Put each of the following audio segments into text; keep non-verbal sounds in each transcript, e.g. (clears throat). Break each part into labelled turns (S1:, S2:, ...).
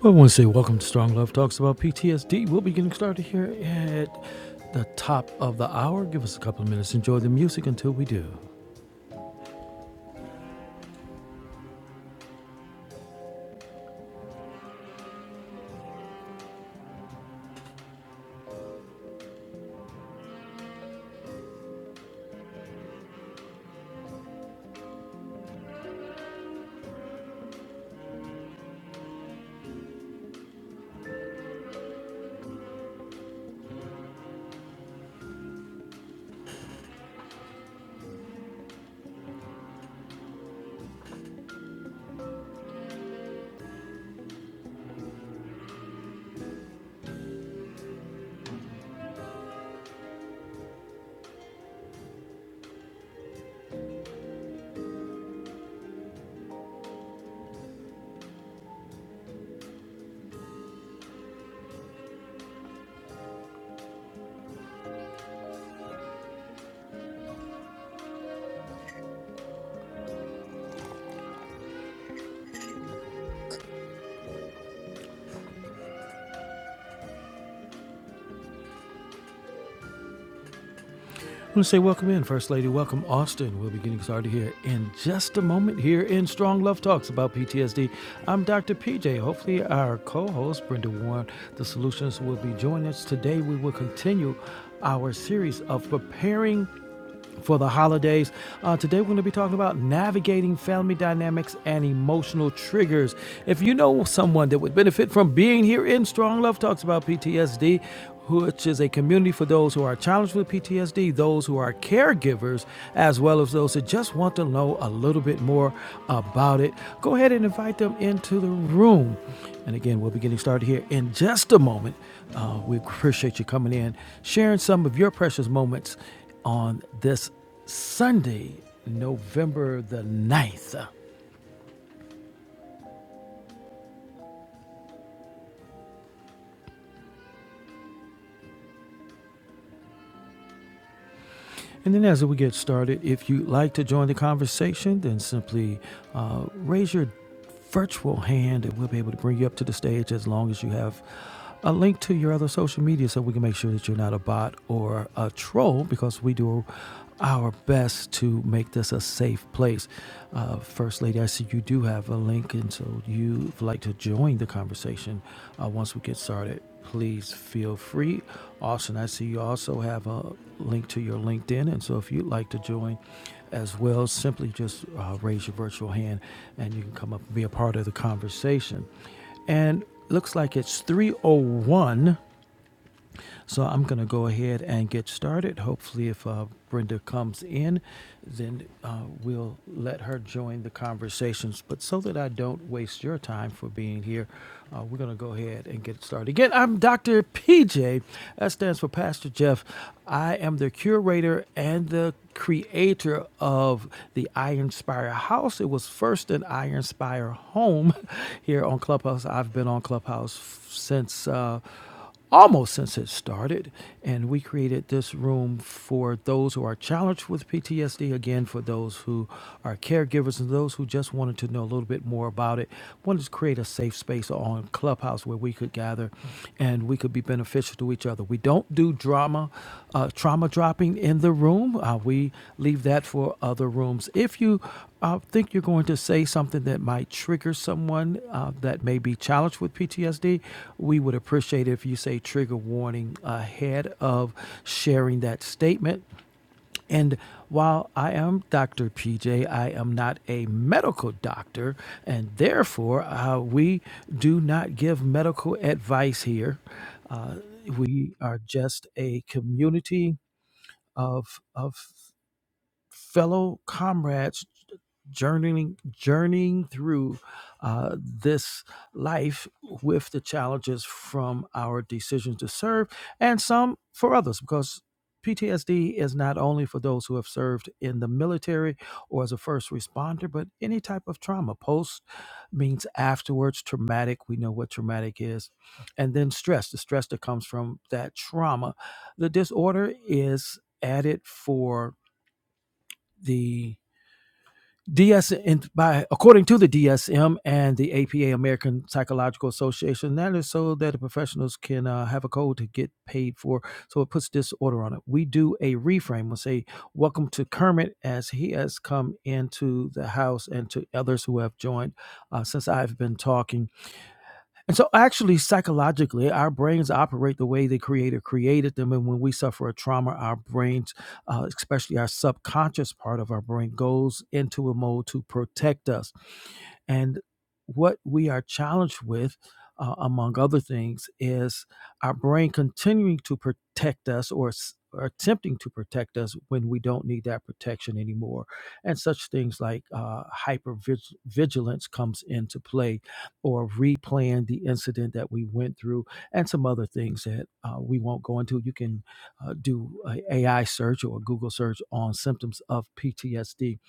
S1: Well, I want to say welcome to Strong Love Talks about PTSD. We'll be getting started here at the top of the hour. Give us a couple of minutes. Enjoy the music until we do. I want to say welcome in, First Lady. Welcome, Austin. We'll be getting started here in just a moment here in Strong Love Talks about PTSD. I'm Dr. PJ. Hopefully, our co host, Brenda Warren, the solutions, will be joining us today. We will continue our series of preparing for the holidays. Uh, today, we're going to be talking about navigating family dynamics and emotional triggers. If you know someone that would benefit from being here in Strong Love Talks about PTSD, which is a community for those who are challenged with PTSD, those who are caregivers, as well as those that just want to know a little bit more about it, go ahead and invite them into the room. And again, we'll be getting started here in just a moment. Uh, we appreciate you coming in, sharing some of your precious moments on this Sunday, November the ninth, And then, as we get started, if you'd like to join the conversation, then simply uh, raise your virtual hand and we'll be able to bring you up to the stage as long as you have a link to your other social media so we can make sure that you're not a bot or a troll because we do our best to make this a safe place. Uh, First Lady, I see you do have a link, and so you'd like to join the conversation uh, once we get started. please feel free. Also, and I see you also have a link to your LinkedIn. And so if you'd like to join as well, simply just uh, raise your virtual hand and you can come up and be a part of the conversation. And looks like it's 301 so I'm going to go ahead and get started. Hopefully, if uh, Brenda comes in, then uh, we'll let her join the conversations. But so that I don't waste your time for being here, uh, we're going to go ahead and get started. Again, I'm Dr. PJ. That stands for Pastor Jeff. I am the curator and the creator of the Iron Spire House. It was first an Iron Spire home (laughs) here on Clubhouse. I've been on Clubhouse f- since. Uh, almost since it started. And we created this room for those who are challenged with PTSD, again, for those who are caregivers and those who just wanted to know a little bit more about it. Wanted to create a safe space on Clubhouse where we could gather and we could be beneficial to each other. We don't do drama, uh, trauma dropping in the room. Uh, we leave that for other rooms. If you uh, think you're going to say something that might trigger someone uh, that may be challenged with PTSD, we would appreciate it if you say trigger warning ahead of sharing that statement. And while I am Dr. PJ, I am not a medical doctor, and therefore uh, we do not give medical advice here. Uh, we are just a community of of fellow comrades journeying journeying through uh, this life with the challenges from our decisions to serve and some for others because PTSD is not only for those who have served in the military or as a first responder, but any type of trauma. Post means afterwards, traumatic. We know what traumatic is. And then stress, the stress that comes from that trauma. The disorder is added for the DS and by according to the DSM and the APA American Psychological Association, that is so that the professionals can uh, have a code to get paid for. So it puts this order on it. We do a reframe. We'll say, "Welcome to Kermit," as he has come into the house, and to others who have joined uh, since I've been talking and so, actually, psychologically, our brains operate the way the Creator created them. And when we suffer a trauma, our brains, uh, especially our subconscious part of our brain, goes into a mode to protect us. And what we are challenged with, uh, among other things, is our brain continuing to protect us or, s- or attempting to protect us when we don't need that protection anymore. And such things like uh, hypervigilance comes into play or replan the incident that we went through and some other things that uh, we won't go into. You can uh, do an a AI search or a Google search on symptoms of PTSD.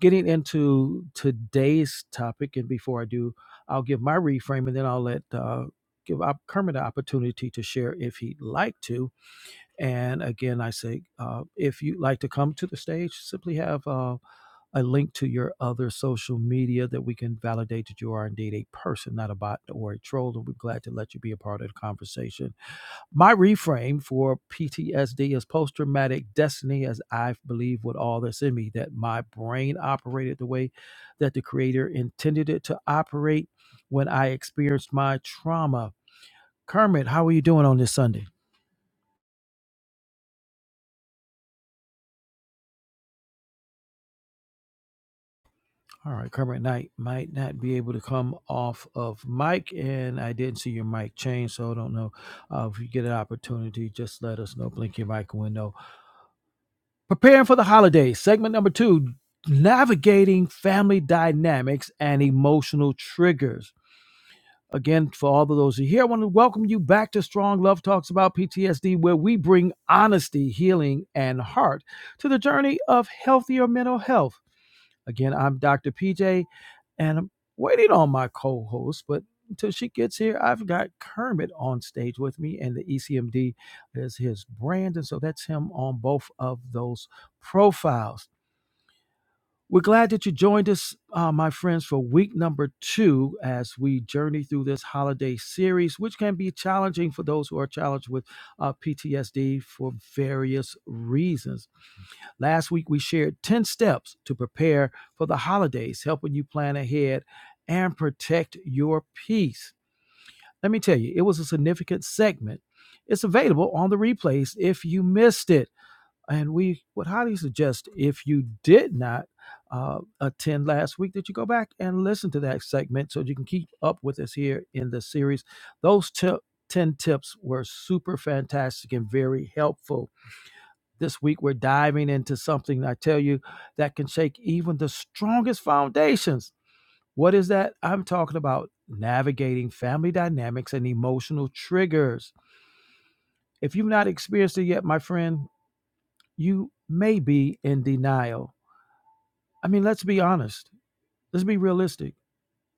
S1: Getting into today's topic, and before I do, I'll give my reframe and then I'll let uh, give Kermit an opportunity to share if he'd like to. And again, I say uh, if you'd like to come to the stage, simply have. Uh, a link to your other social media that we can validate that you are indeed a person, not a bot or a troll. And we're glad to let you be a part of the conversation. My reframe for PTSD is post traumatic destiny, as I believe with all that's in me, that my brain operated the way that the creator intended it to operate when I experienced my trauma. Kermit, how are you doing on this Sunday? All right, Kermit Knight might not be able to come off of mic, and I didn't see your mic change, so I don't know uh, if you get an opportunity. Just let us know. Blink your mic window. Preparing for the holidays, segment number two: navigating family dynamics and emotional triggers. Again, for all of those who are here, I want to welcome you back to Strong Love Talks about PTSD, where we bring honesty, healing, and heart to the journey of healthier mental health. Again, I'm Dr. PJ, and I'm waiting on my co host, but until she gets here, I've got Kermit on stage with me, and the ECMD is his brand. And so that's him on both of those profiles. We're glad that you joined us, uh, my friends, for week number two as we journey through this holiday series, which can be challenging for those who are challenged with uh, PTSD for various reasons. Last week, we shared 10 steps to prepare for the holidays, helping you plan ahead and protect your peace. Let me tell you, it was a significant segment. It's available on the replays if you missed it. And we would highly suggest if you did not uh, attend last week that you go back and listen to that segment so you can keep up with us here in the series. Those ti- 10 tips were super fantastic and very helpful. This week, we're diving into something I tell you that can shake even the strongest foundations. What is that? I'm talking about navigating family dynamics and emotional triggers. If you've not experienced it yet, my friend, you may be in denial. I mean, let's be honest, let's be realistic.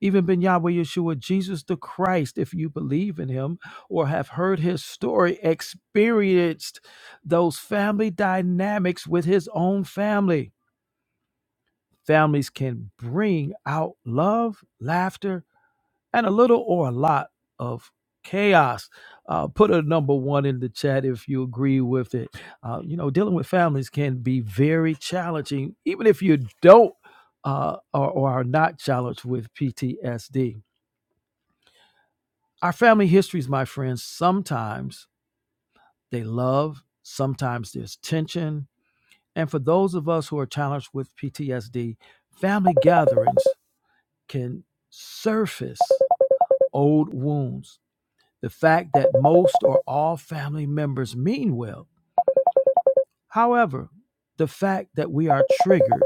S1: Even Ben Yahweh Yeshua, Jesus the Christ, if you believe in him or have heard his story, experienced those family dynamics with his own family. Families can bring out love, laughter, and a little or a lot of chaos. Uh, put a number one in the chat if you agree with it. Uh, you know, dealing with families can be very challenging, even if you don't uh, or, or are not challenged with PTSD. Our family histories, my friends, sometimes they love, sometimes there's tension. And for those of us who are challenged with PTSD, family gatherings can surface old wounds, the fact that most or all family members mean well. However, the fact that we are triggered,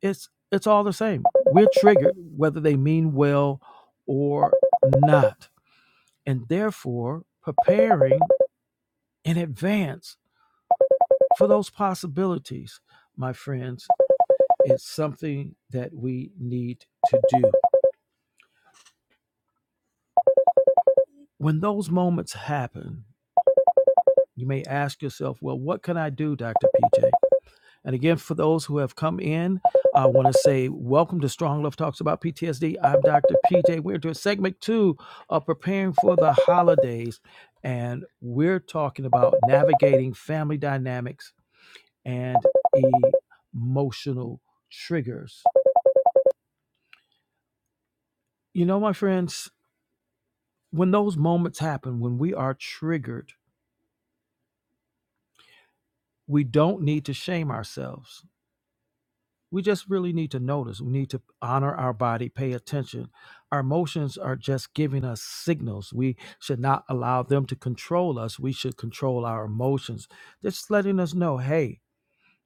S1: it's it's all the same. We're triggered whether they mean well or not. And therefore, preparing in advance for those possibilities, my friends, is something that we need to do. When those moments happen, You may ask yourself, well, what can I do, Dr. PJ? And again, for those who have come in, I want to say welcome to Strong Love Talks about PTSD. I'm Dr. PJ. We're doing segment two of preparing for the holidays. And we're talking about navigating family dynamics and emotional triggers. You know, my friends, when those moments happen, when we are triggered, we don't need to shame ourselves we just really need to notice we need to honor our body pay attention our emotions are just giving us signals we should not allow them to control us we should control our emotions just letting us know hey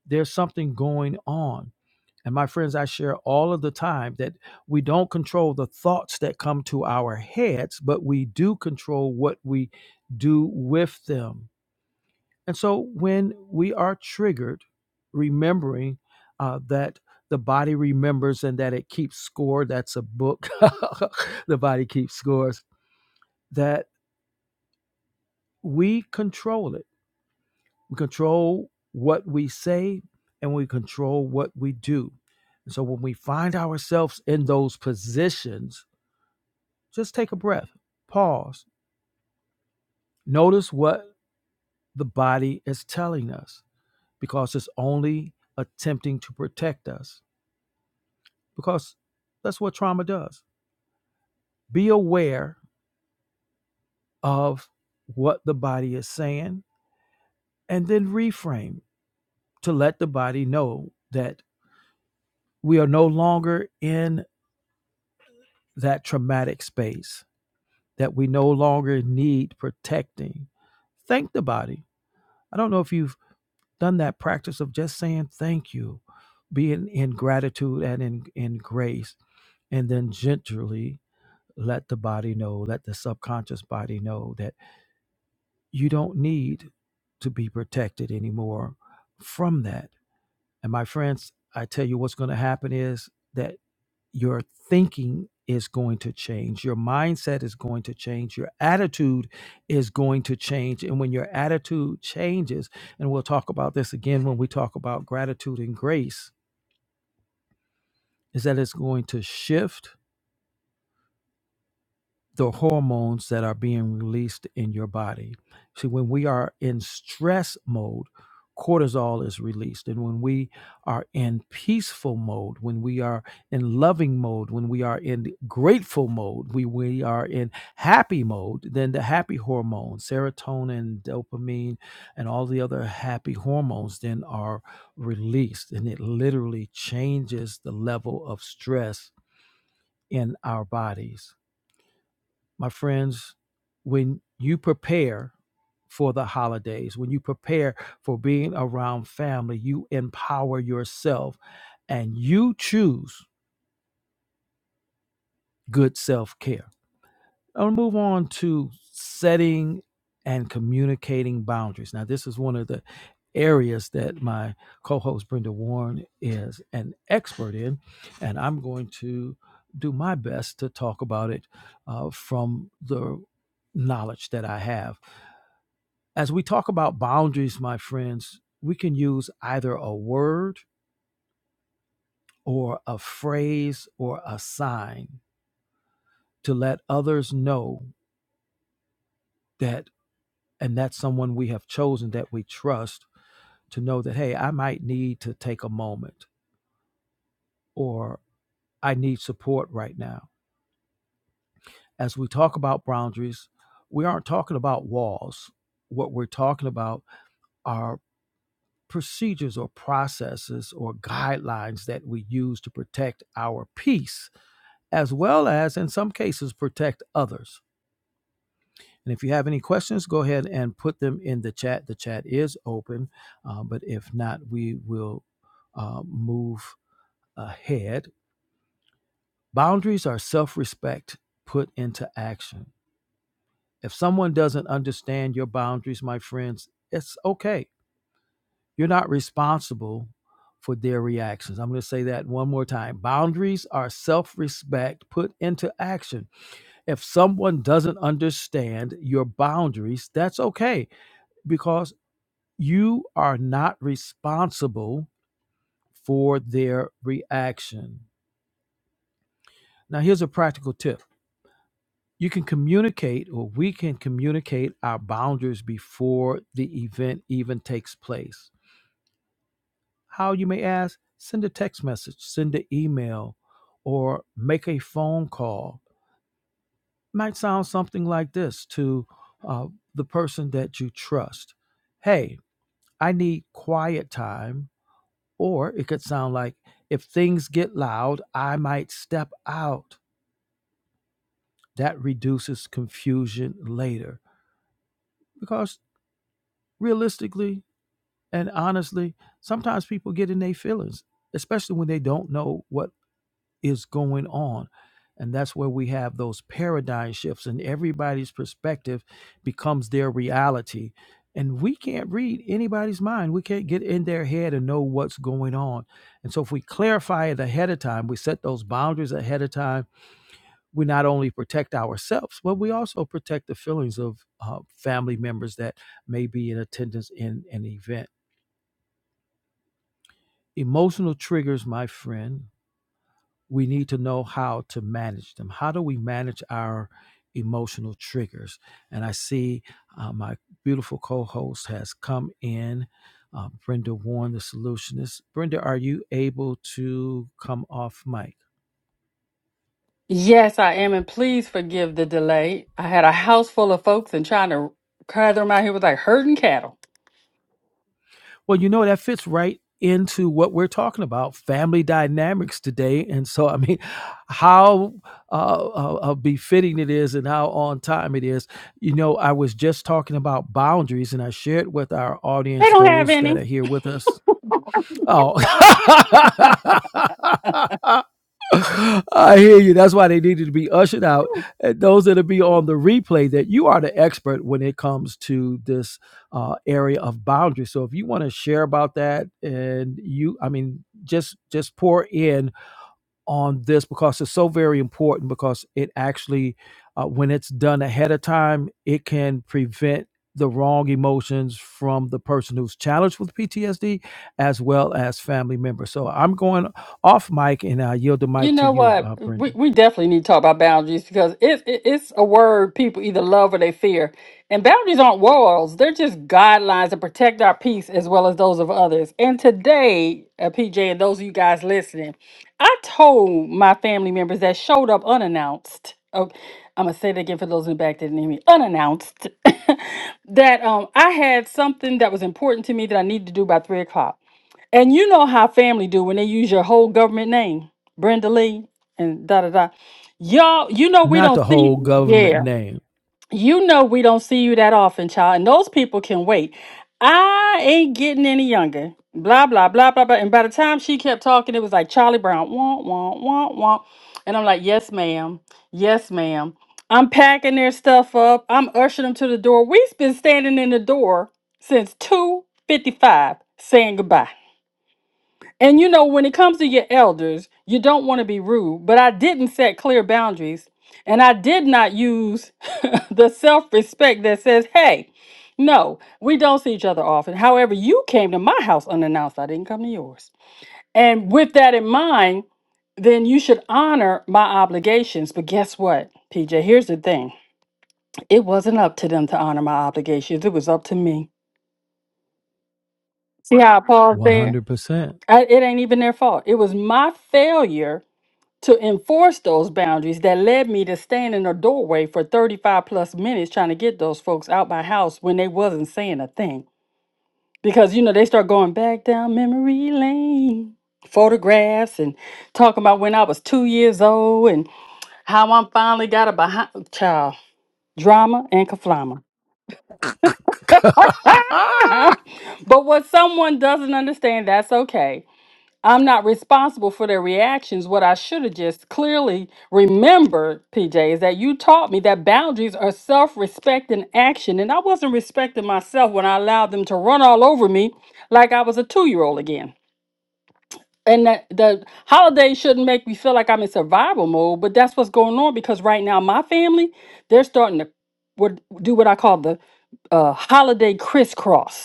S1: there's something going on and my friends i share all of the time that we don't control the thoughts that come to our heads but we do control what we do with them and so when we are triggered, remembering uh, that the body remembers and that it keeps score, that's a book, (laughs) the body keeps scores, that we control it. We control what we say and we control what we do. And so when we find ourselves in those positions, just take a breath, pause, notice what the body is telling us because it's only attempting to protect us because that's what trauma does. Be aware of what the body is saying and then reframe to let the body know that we are no longer in that traumatic space, that we no longer need protecting. Thank the body. I don't know if you've done that practice of just saying thank you, being in gratitude and in, in grace, and then gently let the body know, let the subconscious body know that you don't need to be protected anymore from that. And my friends, I tell you what's going to happen is that your thinking is going to change, your mindset is going to change, your attitude is going to change. And when your attitude changes, and we'll talk about this again when we talk about gratitude and grace, is that it's going to shift the hormones that are being released in your body. See, when we are in stress mode, cortisol is released. And when we are in peaceful mode, when we are in loving mode, when we are in grateful mode, we, we are in happy mode, then the happy hormones, serotonin, dopamine, and all the other happy hormones then are released. And it literally changes the level of stress in our bodies my friends, when you prepare for the holidays, when you prepare for being around family, you empower yourself and you choose good self care. I'll move on to setting and communicating boundaries. Now, this is one of the areas that my co host Brenda Warren is an expert in, and I'm going to do my best to talk about it uh, from the knowledge that I have. As we talk about boundaries, my friends, we can use either a word or a phrase or a sign to let others know that, and that's someone we have chosen that we trust to know that, hey, I might need to take a moment or I need support right now. As we talk about boundaries, we aren't talking about walls. What we're talking about are procedures or processes or guidelines that we use to protect our peace as well as, in some cases, protect others. And if you have any questions, go ahead and put them in the chat. The chat is open, uh, but if not, we will uh, move ahead. Boundaries are self respect put into action. If someone doesn't understand your boundaries, my friends, it's okay. You're not responsible for their reactions. I'm going to say that one more time. Boundaries are self respect put into action. If someone doesn't understand your boundaries, that's okay because you are not responsible for their reaction. Now, here's a practical tip you can communicate, or we can communicate our boundaries before the event even takes place. How you may ask, send a text message, send an email, or make a phone call. Might sound something like this to uh, the person that you trust. Hey, I need quiet time. Or it could sound like, if things get loud, I might step out. That reduces confusion later. Because realistically and honestly, sometimes people get in their feelings, especially when they don't know what is going on. And that's where we have those paradigm shifts, and everybody's perspective becomes their reality. And we can't read anybody's mind. We can't get in their head and know what's going on. And so, if we clarify it ahead of time, we set those boundaries ahead of time, we not only protect ourselves, but we also protect the feelings of uh, family members that may be in attendance in an event. Emotional triggers, my friend, we need to know how to manage them. How do we manage our emotional triggers? And I see uh, my beautiful co host has come in, uh, Brenda Warren, the solutionist. Brenda, are you able to come off mic?
S2: Yes, I am, and please forgive the delay. I had a house full of folks and trying to crowd them out here was like herding cattle.
S1: Well, you know, that fits right into what we're talking about family dynamics today. And so, I mean, how uh, uh, uh, befitting it is and how on time it is. You know, I was just talking about boundaries and I shared with our
S2: They
S1: audience,
S2: don't have
S1: those
S2: any.
S1: that are here with us. Oh. (laughs) (laughs) I hear you. That's why they needed to be ushered out. And those that'll be on the replay, that you are the expert when it comes to this uh, area of boundaries. So if you want to share about that, and you, I mean, just just pour in on this because it's so very important because it actually uh, when it's done ahead of time it can prevent the wrong emotions from the person who's challenged with PTSD as well as family members. So I'm going off mic and I yield the
S2: You
S1: mic to
S2: know
S1: you,
S2: what?
S1: uh,
S2: We
S1: Brendan.
S2: we definitely need to talk about boundaries because it, it it's a word people either love or they fear. And boundaries aren't walls; they're just guidelines that protect our peace as well as those of others. And today, uh, PJ and those of you guys listening, I told my family members that showed up unannounced. Oh, I'm gonna say it again for those in the back that didn't hear me. Unannounced, (laughs) that um I had something that was important to me that I needed to do by three o'clock. And you know how family do when they use your whole government name, Brenda Lee and da da da. Y'all, you know we
S1: Not
S2: don't
S1: the
S2: see
S1: whole government
S2: yeah.
S1: name.
S2: You know we don't see you that often, child. And those people can wait. I ain't getting any younger. Blah blah blah blah blah. And by the time she kept talking, it was like Charlie Brown, womp womp womp womp. And I'm like, yes, ma'am, yes, ma'am. I'm packing their stuff up. I'm ushering them to the door. We've been standing in the door since two fifty five, saying goodbye. And you know, when it comes to your elders, you don't want to be rude, but I didn't set clear boundaries and I did not use (laughs) the self respect that says, hey, no, we don't see each other often. However, you came to my house unannounced, I didn't come to yours. And with that in mind, then you should honor my obligations. But guess what, PJ? Here's the thing it wasn't up to them to honor my obligations, it was up to me. See how I paused there?
S1: 100%.
S2: I, it ain't even their fault. It was my failure to enforce those boundaries that led me to stand in a doorway for 35 plus minutes trying to get those folks out my house when they wasn't saying a thing because you know they start going back down memory lane photographs and talking about when i was two years old and how i'm finally got a behind child drama and kaflama (laughs)
S1: (laughs)
S2: but what someone doesn't understand that's okay I'm not responsible for their reactions. What I should have just clearly remembered, PJ, is that you taught me that boundaries are self respect and action. And I wasn't respecting myself when I allowed them to run all over me like I was a two year old again. And that the holidays shouldn't make me feel like I'm in survival mode, but that's what's going on because right now my family, they're starting to what do what I call the uh, holiday crisscross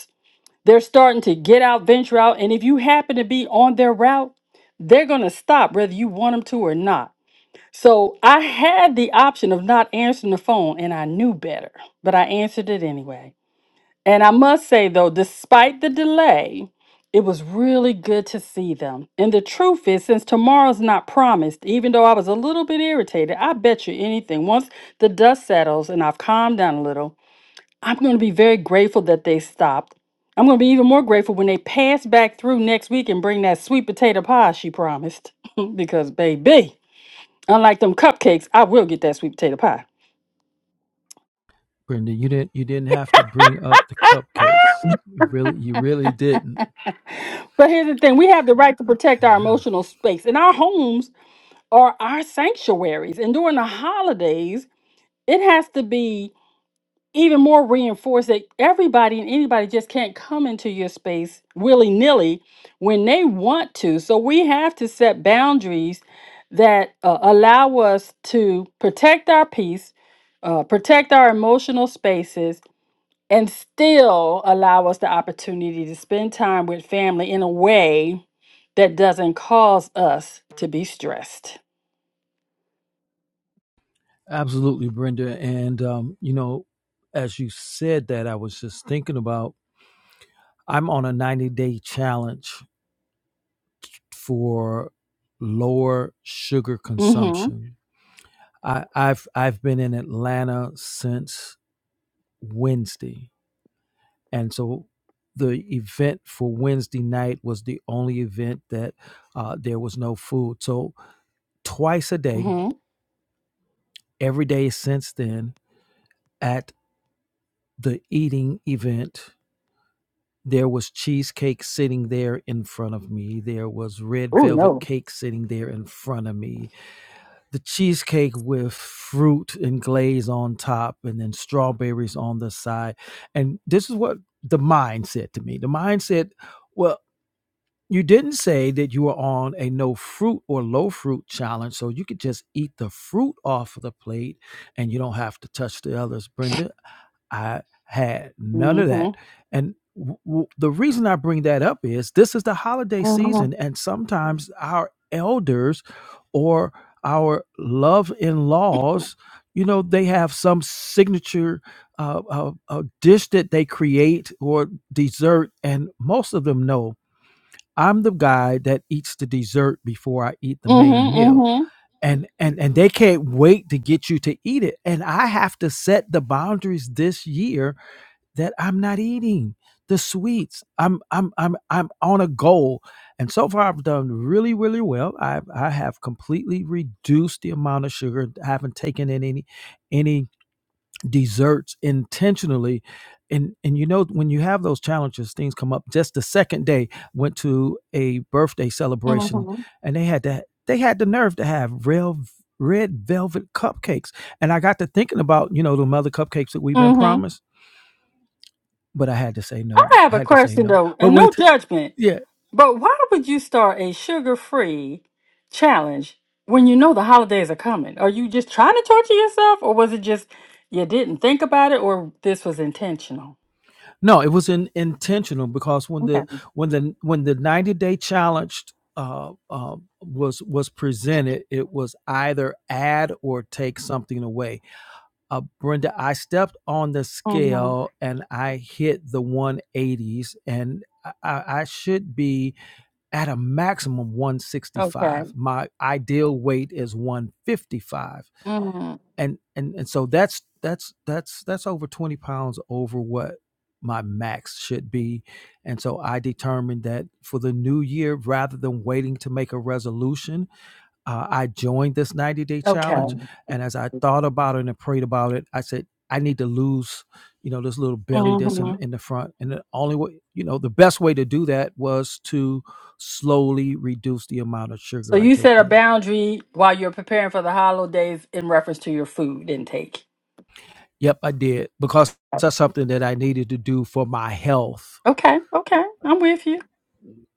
S2: they're starting to get out, venture out, and if you happen to be on their route, they're going to stop whether you want them to or not. So I had the option of not answering the phone and I knew better, but I answered it anyway. And I must say, though, despite the delay, it was really good to see them. And the truth is, since tomorrow's not promised, even though I was a little bit irritated, I bet you anything, once the dust settles and I've calmed down a little, I'm going to be very grateful that they stopped. I'm going to be even more grateful when they pass back through next week and bring that sweet potato pie she promised. (laughs) because, baby, unlike them cupcakes, I will get that sweet potato pie.
S1: Brenda, you didn't you didn't have to bring up the cupcakes. You really you really didn't.
S2: But here's the thing we have the right to protect our emotional space, and our homes are our sanctuaries. And during the holidays, it has to be even more reinforced that everybody and anybody just can't come into your space willy nilly when they want to. So we have to set boundaries that uh, allow us to protect our peace, uh, protect our emotional spaces, and still allow us the opportunity to spend time with family in a way that doesn't cause us to be stressed.
S1: Absolutely, Brenda. And, um, you know, as you said that, I was just thinking about I'm on a 90 day challenge for lower sugar
S2: Mm-hmm.
S1: consumption. I, I've I've been in Atlanta since Wednesday, and so the event for Wednesday night was the only event that uh, there was no food. So twice a day,
S2: Mm-hmm.
S1: every day since then, at the eating event There was cheesecake sitting there in front of me. There was red
S2: Oh
S1: velvet
S2: no.
S1: cake sitting there in front of me. The cheesecake with fruit and glaze on top and then strawberries on the side. And this is what the mind said to me. The mind said, Well, you didn't say that you were on a no fruit or low fruit challenge, so you could just eat the fruit off of the plate and you don't have to touch the others, Brenda. I had
S2: Mm-hmm.
S1: none of that. And w- w- the reason I bring that up is this is the holiday
S2: Mm-hmm.
S1: season, and sometimes our elders or our love in laws, you know, they have some signature uh, uh, uh, dish that they create or dessert, and most of them know I'm the guy that eats the dessert before I eat the main meal.
S2: Mm-hmm.
S1: And, and and they can't wait to get you to eat it. And I have to set the boundaries this year that I'm not eating the sweets. I'm I'm I'm I'm on a goal, and so far I've done really really well. I I have completely reduced the amount of sugar. I haven't taken in any any desserts intentionally. And, and you know when you have those challenges things come up just the second day went to a birthday celebration
S2: Mm-hmm.
S1: and they had that they had the nerve to have real red velvet cupcakes and i got to thinking about you know the mother cupcakes that we've been
S2: Mm-hmm.
S1: promised but I had to say
S2: I
S1: no.
S2: have
S1: I
S2: a
S1: had to say
S2: question
S1: no.
S2: though,
S1: But
S2: and no
S1: with
S2: judgment,
S1: yeah,
S2: but why would you start a sugar-free challenge when you know the holidays are coming? Are you just trying to torture yourself, or was it just you didn't think about it, or this was intentional?
S1: no, it was in, intentional because when
S2: Okay.
S1: the when the when the ninety day challenge uh, uh, was was presented, it was either add or take something away. Uh, Brenda, I stepped on the
S2: Mm-hmm.
S1: scale and I hit the one eighties, and I, I I should be at a maximum one sixty
S2: Okay.
S1: five. My ideal weight is one fifty five
S2: Mm-hmm.
S1: and and and so that's that's that's that's over 20 pounds over what my max should be and so i determined that for the new year rather than waiting to make a resolution uh, i joined this 90 day
S2: Okay.
S1: challenge and as i thought about it and prayed about it i said i need to lose you know this little belly that's in,
S2: hmm
S1: in the front and the only way you know the best way to do that was to slowly reduce the amount of
S2: So
S1: sugar i
S2: you set
S1: take
S2: a
S1: in
S2: boundary while you're preparing for the holidays in reference to your food intake.
S1: Yep, I did because that's something that I needed to do for my health.
S2: Okay, okay, I'm with you.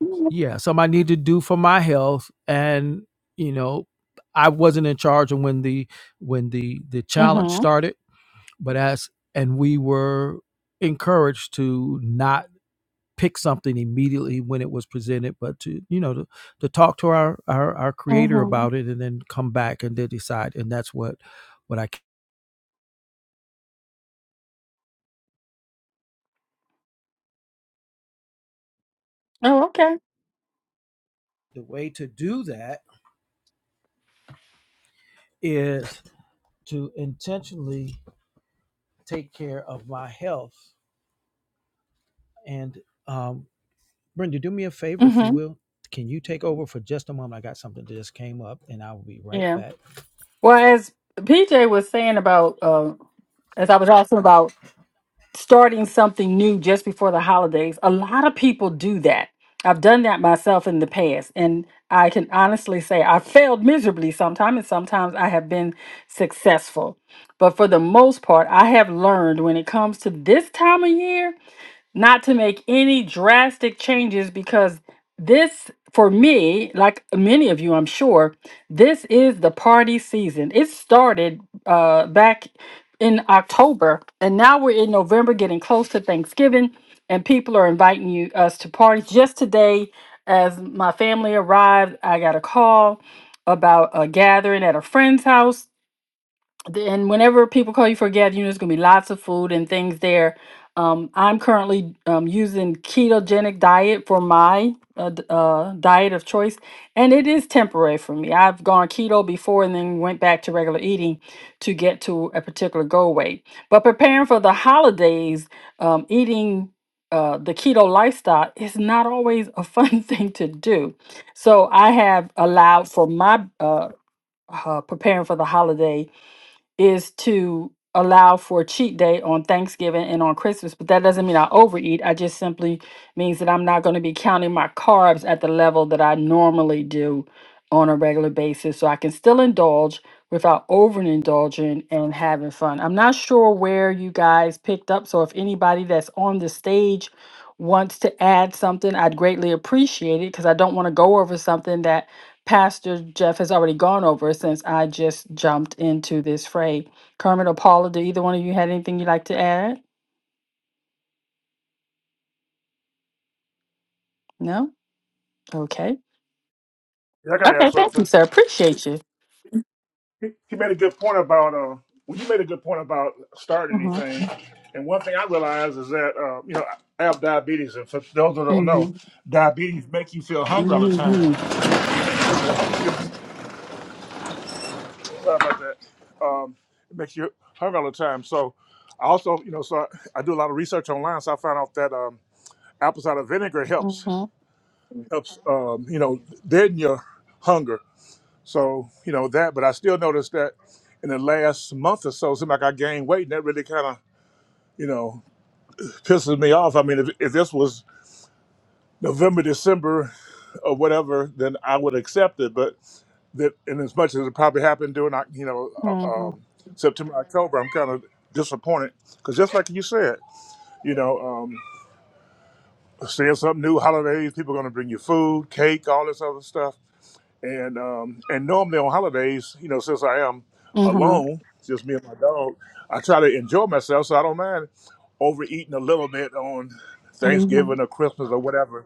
S2: Mm-hmm.
S1: Yeah, something I needed to do for my health, and you know, I wasn't in charge of when the when the the challenge started, but as and we were encouraged to not pick something immediately when it was presented, but to you know to, to talk to our, our our creator
S2: Mm-hmm.
S1: about it, and then come back and then decide. And that's what what I.
S2: Oh, okay.
S1: The way to do that is to intentionally take care of my health. And um, Brenda, do me a favor, if you
S2: Mm-hmm.
S1: will. Can you take over for just a moment? I got something that just came up, and I will be right
S2: Yeah.
S1: back.
S2: Well, as PJ was saying about, uh, as I was asking about starting something new just before the holidays, a lot of people do that. I've done that myself in the past, and I can honestly say I failed miserably sometimes, and sometimes I have been successful. But for the most part, I have learned when it comes to this time of year, not to make any drastic changes because this, for me, like many of you, I'm sure, this is the party season. It started uh, back in October, and now we're in November, getting close to Thanksgiving, and people are inviting you us to parties. Just today, as my family arrived, I got a call about a gathering at a friend's house the- and whenever people call you for a gathering, there's going to be lots of food and things there. Um, I'm currently um, using ketogenic diet for my uh, d- uh, diet of choice, and it is temporary for me. I've gone keto before and then went back to regular eating to get to a particular goal weight. But preparing for the holidays, um, eating uh, the keto lifestyle is not always a fun (laughs) thing to do. So I have allowed for my uh, uh, preparing for the holiday is to allow for cheat day on Thanksgiving and on Christmas, but that doesn't mean I overeat. I just simply means that I'm not going to be counting my carbs at the level that I normally do on a regular basis. So I can still indulge without overindulging and having fun. I'm not sure where you guys picked up. So if anybody that's on the stage wants to add something, I'd greatly appreciate it because I don't want to go over something that Pastor Jeff has already gone over since I just jumped into this fray. Kermit or Paula, do either one of you had anything you'd like to add? No? Okay.
S3: Yeah, I gotta ask
S2: Okay, thank you,
S3: something.
S2: sir. Appreciate you.
S3: He, he made a good point about uh, well, you made a good point about starting
S2: Mm-hmm.
S3: anything. And one thing I realize is that uh, you know I have diabetes, and for those that don't
S2: Mm-hmm.
S3: know, diabetes make you feel hungry all the time.
S2: Mm-hmm.
S3: Sorry about that. Um, it makes you hungry all the time. So I also, you know, so I, I do a lot of research online. So I found out that um, apple cider vinegar helps
S2: Mm-hmm.
S3: helps um, you know deaden your hunger. So you know that, but I still noticed that in the last month or so, it seemed like I gained weight, and that really kind of You know, pisses me off. I mean, if, if this was November, December, or whatever, then I would accept it. But that, and as much as it probably happened during, Oc- you know, uh,
S2: Mm-hmm.
S3: um, September, October, I'm kind of disappointed because just like you said, you know, um, seeing something new, holidays, people going to bring you food, cake, all this other stuff. and um, and normally on holidays, you know, since I am
S2: Mm-hmm.
S3: alone, just me and my dog, I try to enjoy myself, so I don't mind overeating a little bit on Thanksgiving
S2: Mm-hmm.
S3: or Christmas or whatever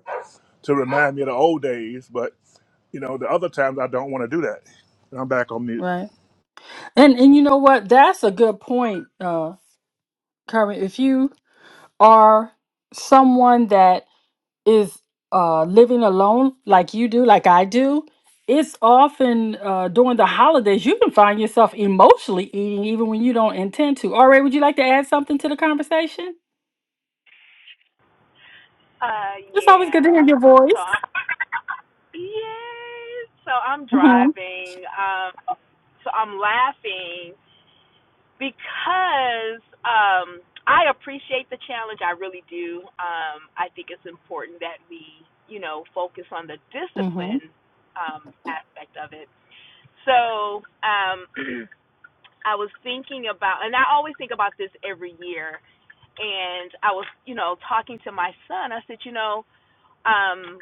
S3: to remind me of the old days. But you know, the other times I don't want to do that. And I'm back on mute.
S2: Right. And and you know what? That's a good point, uh, Kermit. If you are someone that is uh, living alone like you do, like I do, it's often uh, during the holidays you can find yourself emotionally eating even when you don't intend to. All right, would you like to add something to the conversation?
S4: Uh,
S2: It's always good
S4: yeah.
S2: to hear your
S4: So
S2: voice.
S4: I'm (laughs) yes. So I'm
S2: Mm-hmm.
S4: driving. Um, so I'm laughing because um, I appreciate the challenge. I really do. Um, I think it's important that we, you know, focus on the
S2: Mm-hmm.
S4: discipline um, aspect of it. So um, (clears throat) I was thinking about, and I always think about this every year. And I was, you know, talking to my son. I said, you know, um,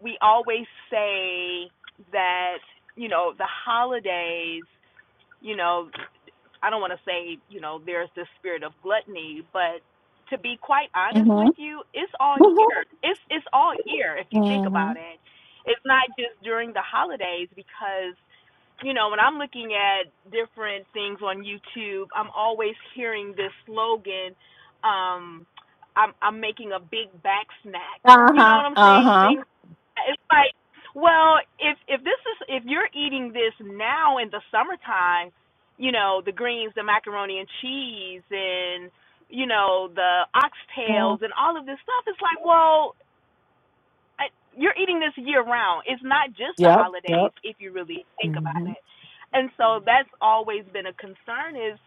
S4: we always say that you know the holidays you know I don't want to say, you know, there's this spirit of gluttony, but to be quite honest
S2: Mm-hmm.
S4: with you, it's all
S2: Mm-hmm.
S4: year. It's it's all year if you think
S2: Mm-hmm.
S4: about it. It's not just during the holidays because you know, when I'm looking at different things on YouTube, I'm always hearing this slogan um I'm I'm making a big back snack. You know
S2: Uh-huh.
S4: what I'm saying?
S2: Uh-huh.
S4: Things it's like well, if if this is if you're eating this now in the summertime, you know, the greens, the macaroni and cheese, and you know, the
S2: Mm.
S4: oxtails and all of this stuff. It's like, well, I, you're eating this year round. It's not just the
S2: Yep. Yep.
S4: holidays if you really think about
S2: Mm-hmm.
S4: it. And so that's always been a concern is,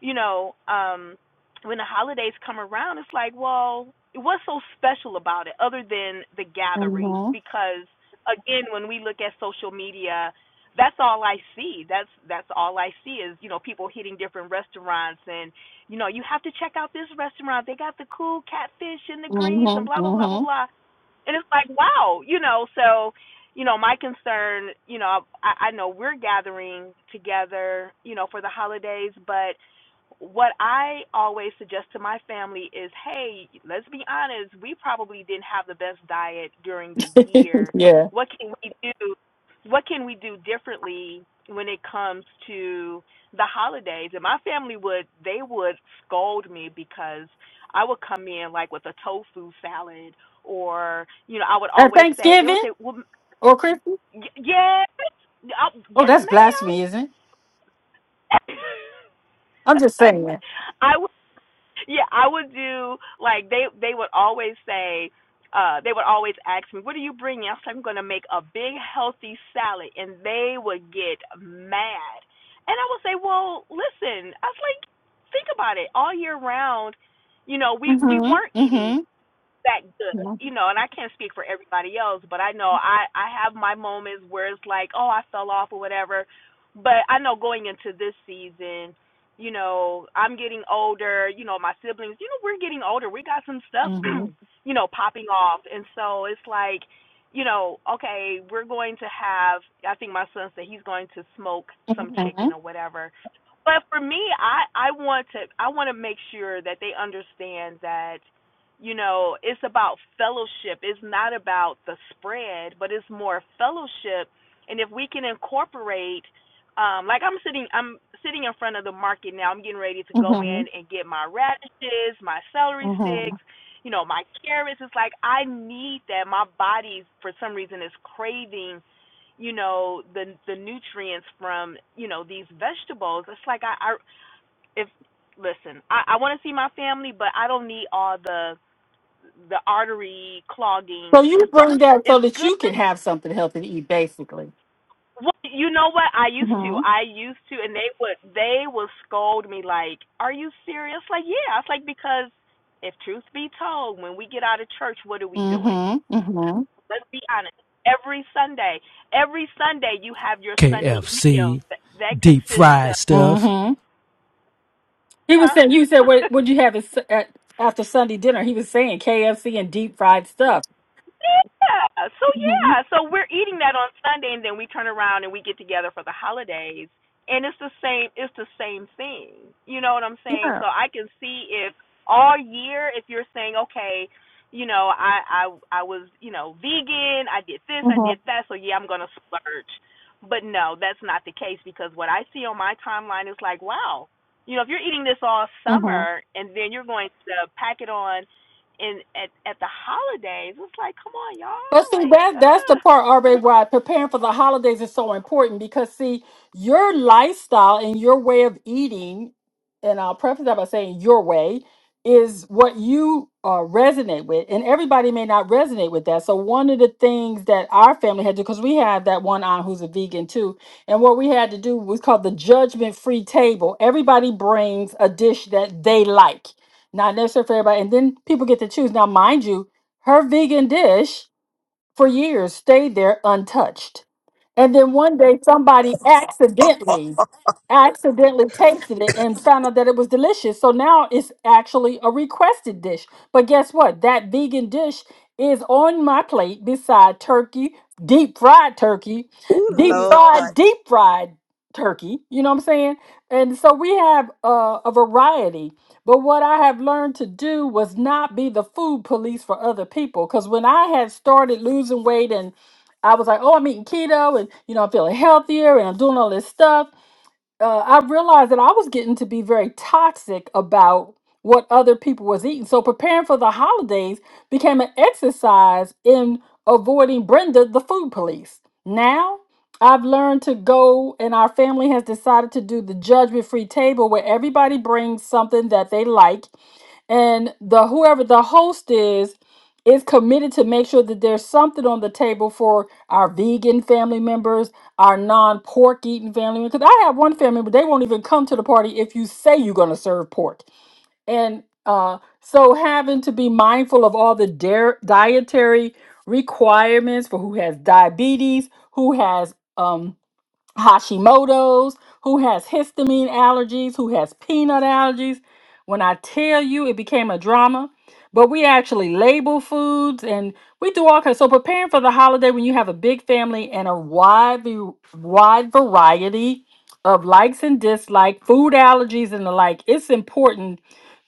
S4: you know, um when the holidays come around, it's like, well, what's so special about it other than the gathering?
S2: Mm-hmm.
S4: Because again, when we look at social media, that's all I see. That's that's all I see is, you know, people hitting different restaurants and, you know, you have to check out this restaurant. They got the cool catfish and the greens and blah
S2: Mm-hmm.
S4: blah blah blah blah and it's like wow you know so you know my concern you know i i know we're gathering together you know for the holidays but what i always suggest to my family is hey let's be honest we probably didn't have the best diet during the
S2: Mm-hmm. (laughs)
S4: year
S2: yeah.
S4: what can we do what can we do differently when it comes to the holidays and my family would they would scold me because I would come in like with a tofu salad, or you know, I would
S2: At
S4: always say they would
S2: Thanksgiving
S4: say, "Well,
S2: or Christmas?
S4: y- yes, uh,
S2: Oh,
S4: yes,
S2: that's
S4: ma'am."
S2: blasphemy, isn't it? I'm just saying.
S4: (laughs) I would, yeah, I would do like they they would always say. Uh, they would always ask me, "What are you bringing?" I was like, "I'm going to make a big healthy salad," and they would get mad. And I would say, "Well, listen," I was like, "Think about it. All year round, you know, we we
S2: Mm-hmm.
S4: weren't
S2: Mm-hmm.
S4: eating that good,
S2: Mm-hmm.
S4: you know. And I can't speak for everybody else, but I know I I have my moments where it's like, oh, I fell off or whatever. But I know going into this season, you know, I'm getting older. You know, my siblings, you know, we're getting older. We got some stuff,
S2: Mm-hmm.
S4: (clears throat) you know, popping off, and so it's like, you know, okay, we're going to have. I think my son said he's going to smoke some
S2: Mm-hmm.
S4: chicken or whatever but for me i i want to i want to make sure that they understand that you know, it's about fellowship. It's not about the spread, but it's more fellowship. And if we can incorporate, um, like I'm sitting, I'm sitting in front of the market now. I'm getting ready to go in and get my radishes, my celery
S2: Mm-hmm.
S4: sticks, you know, my carrots. It's like I need that. My body, for some reason, is craving, you know, the the nutrients from you know these vegetables. It's like I, I if listen, I, I want to see my family, but I don't need all the the artery
S2: So
S4: clogging
S2: you
S4: stuff.
S2: bring that so
S4: It's
S2: that you
S4: good.
S2: can have something healthy to eat, basically.
S4: Well, you know what? I used to.
S2: Mm-hmm.
S4: I used to, and they would they would scold me like, "Are you serious?" Like, yeah. I was like because if truth be told, when we get out of church, what are we doing?
S2: Mm-hmm. Mm-hmm.
S4: Let's be honest. Every Sunday, every Sunday you have your Sunday meal
S1: KFC,
S4: that, that
S1: deep
S4: consists
S1: fried
S4: of,
S1: stuff.
S2: Mm-hmm. He was saying, you said,
S4: huh?
S2: what
S4: (laughs)
S2: would you have at, s- at, after Sunday dinner? He was saying KFC and deep fried stuff.
S4: Yeah. So
S2: Mm-hmm.
S4: yeah. So we're eating that on Sunday, and then we turn around and we get together for the holidays, and it's the same. It's the same thing. You know what I'm saying?
S2: Yeah.
S4: So I can see if all year, if you're saying, okay, you know, I I I was you know vegan, I did this, I did that, so yeah, I'm gonna splurge. But no, that's not the case because what I see on my timeline is like, wow, you know, if you're eating this all
S2: Mm-hmm.
S4: summer and then you're going to pack it on and at at the holidays, it's like, come on,
S2: But
S4: y'all,
S2: see,
S4: like,
S2: that that's the part, RA, why preparing for the holidays is so important because see, your lifestyle and your way of eating, and I'll preface that by saying your way is what you uh, resonate with, and everybody may not resonate with that. So one of the things that our family had to, because we had that one aunt who's a vegan too, and what we had to do was called the judgment-free table. Everybody brings a dish that they like, not necessarily for everybody, and then people get to choose. Now, mind you, her vegan dish for years stayed there untouched. And then one day somebody
S4: uh,
S2: accidentally accidentally tasted it and found out that it was delicious. So now it's actually a requested dish. But guess what? That vegan dish is on my plate beside turkey, deep fried turkey, deep Mhm.
S4: Oh Lord.
S2: fried, deep fried turkey. You know what I'm saying? And so we have uh, a variety but what I have learned to do was not be the food police for other people. Because when I had started losing weight and I was like, oh, I'm eating keto and, you know, I'm feeling healthier and I'm doing all this stuff uh, I realized that I was getting to be very toxic about what other people was eating. So preparing for the holidays became an exercise in avoiding Brenda, the food police. Now I've learned to go, and our family has decided to do the judgment-free table where everybody brings something that they like and the whoever the host is is committed to make sure that there's something on the table for our vegan family members, our non-pork eating family members. Because I have one family member, they won't even come to the party if you say you're going to serve pork. And uh, so having to be mindful of all the dare, dietary requirements for who has diabetes, who has um, Hashimoto's, who has histamine allergies, who has peanut allergies. When I tell you, it became a drama. But we actually label foods and we do all kinds. So preparing for the holiday when you have a big family and a wide v- wide variety of likes and dislikes, food allergies and the like, it's important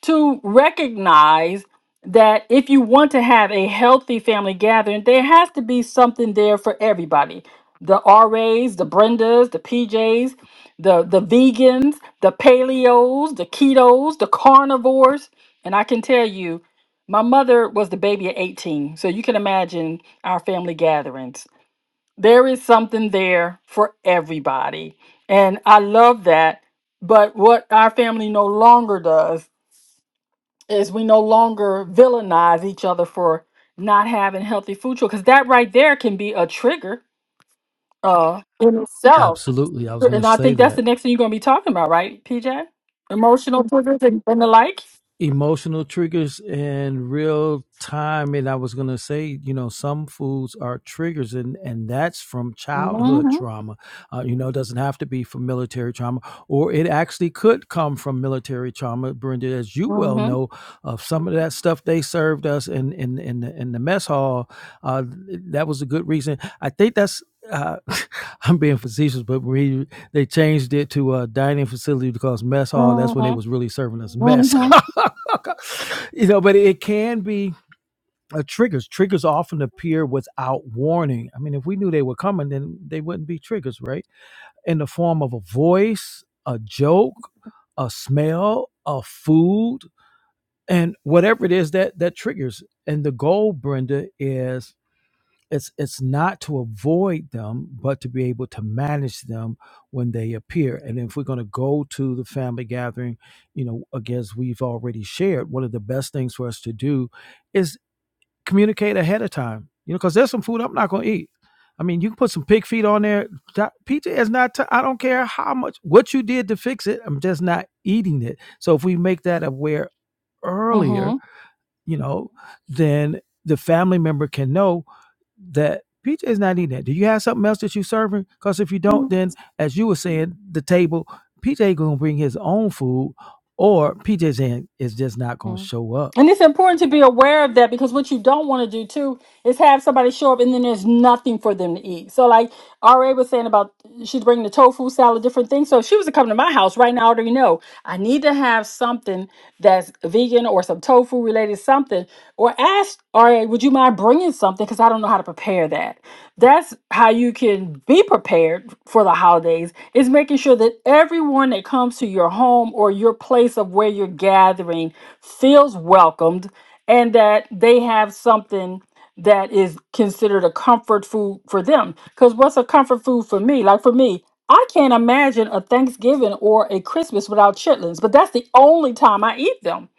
S2: to recognize that if you want to have a healthy family gathering, there has to be something there for everybody the RAs, the Brendas, the PJs, the the vegans, the paleos, the ketos, the carnivores, and I can tell you, my mother was the baby at 18, so you can imagine our family gatherings. There is something there for everybody, and I love that. But what our family no longer does is we no longer villainize each other for not having healthy food choices, because that right there can be a trigger uh, in itself
S1: Absolutely. I was going
S2: and
S1: to
S2: I
S1: say
S2: think that's
S1: that.
S2: the next thing you're going to be talking about, right, PJ? Emotional triggers and, and the like.
S1: emotional triggers and real time and i was going to say you know some foods are triggers and and that's from childhood
S2: hmm
S1: trauma uh, you know it doesn't have to be from military trauma or it actually could come from military trauma brenda as you
S2: hmm
S1: well
S2: hmm
S1: know of some of that stuff they served us in in in the, in the mess hall uh, that was a good reason i think that's uh, (laughs) I'm being facetious, but we. They changed it to a dining facility because mess hall. That's when they
S2: hmm
S1: was really serving us mess.
S2: Mm-hmm.
S1: (laughs) you know, but it can be uh, triggers. Triggers often appear without warning. I mean, if we knew they were coming, then they wouldn't be triggers, right? In the form of a voice, a joke, a smell, a food, and whatever it is that that triggers. And the goal, Brenda, is it's it's not to avoid them but to be able to manage them when they appear and if we're going to go to the family gathering you know again as we've already shared one of the best things for us to do is communicate ahead of time you know because there's some food i'm not going to eat i mean you can put some pig feet on there Doc- pj is not t- i don't care how much what you did to fix it i'm just not eating it so if we make that aware earlier you know then the family member can know that PJ is not eating that. Do you have something else that you serving? Because if you don't, then as you were saying, the table, PJ gonna bring his own food, or PJ's hand is just not gonna
S2: hmm
S1: show up.
S2: And it's important to be aware of that because what you don't want to do too is have somebody show up and then there's nothing for them to eat. So, like, RA was saying about she's bringing the tofu salad, different things. So if she was to come to my house right now, I already know I need to have something that's vegan or some tofu related something. Or ask RA, would you mind bringing something? Because I don't know how to prepare that. That's how you can be prepared for the holidays is making sure that everyone that comes to your home or your place of where you're gathering feels welcomed and that they have something that is considered a comfort food for them. Because what's a comfort food for me? Like for me, I can't imagine a Thanksgiving or a Christmas without chitlins, but that's the only time I eat them.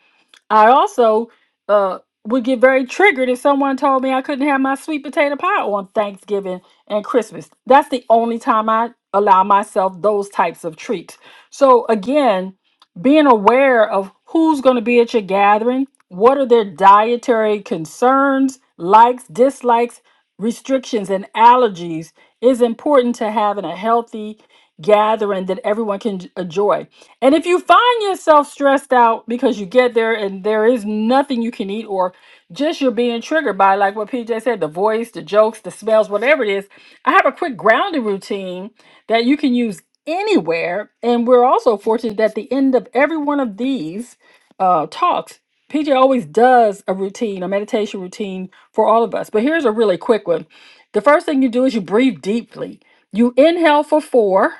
S2: I also uh, would get very triggered if someone told me I couldn't have my sweet potato pie on Thanksgiving and Christmas. That's the only time I allow myself those types of treats. So, again, being aware of who's going to be at your gathering, what are their dietary concerns, likes, dislikes, restrictions and allergies is important to having a healthy gathering that everyone can j- enjoy. And if you find yourself stressed out because you get there and there is nothing you can eat or just you're being triggered by like what PJ said, the voice, the jokes, the smells, whatever it is, I have a quick grounding routine that you can use anywhere. And we're also fortunate that at the end of every one of these uh, talks, PJ always does a routine, a meditation routine for all of us. But here's a really quick one. The first thing you do is you breathe deeply. You inhale for four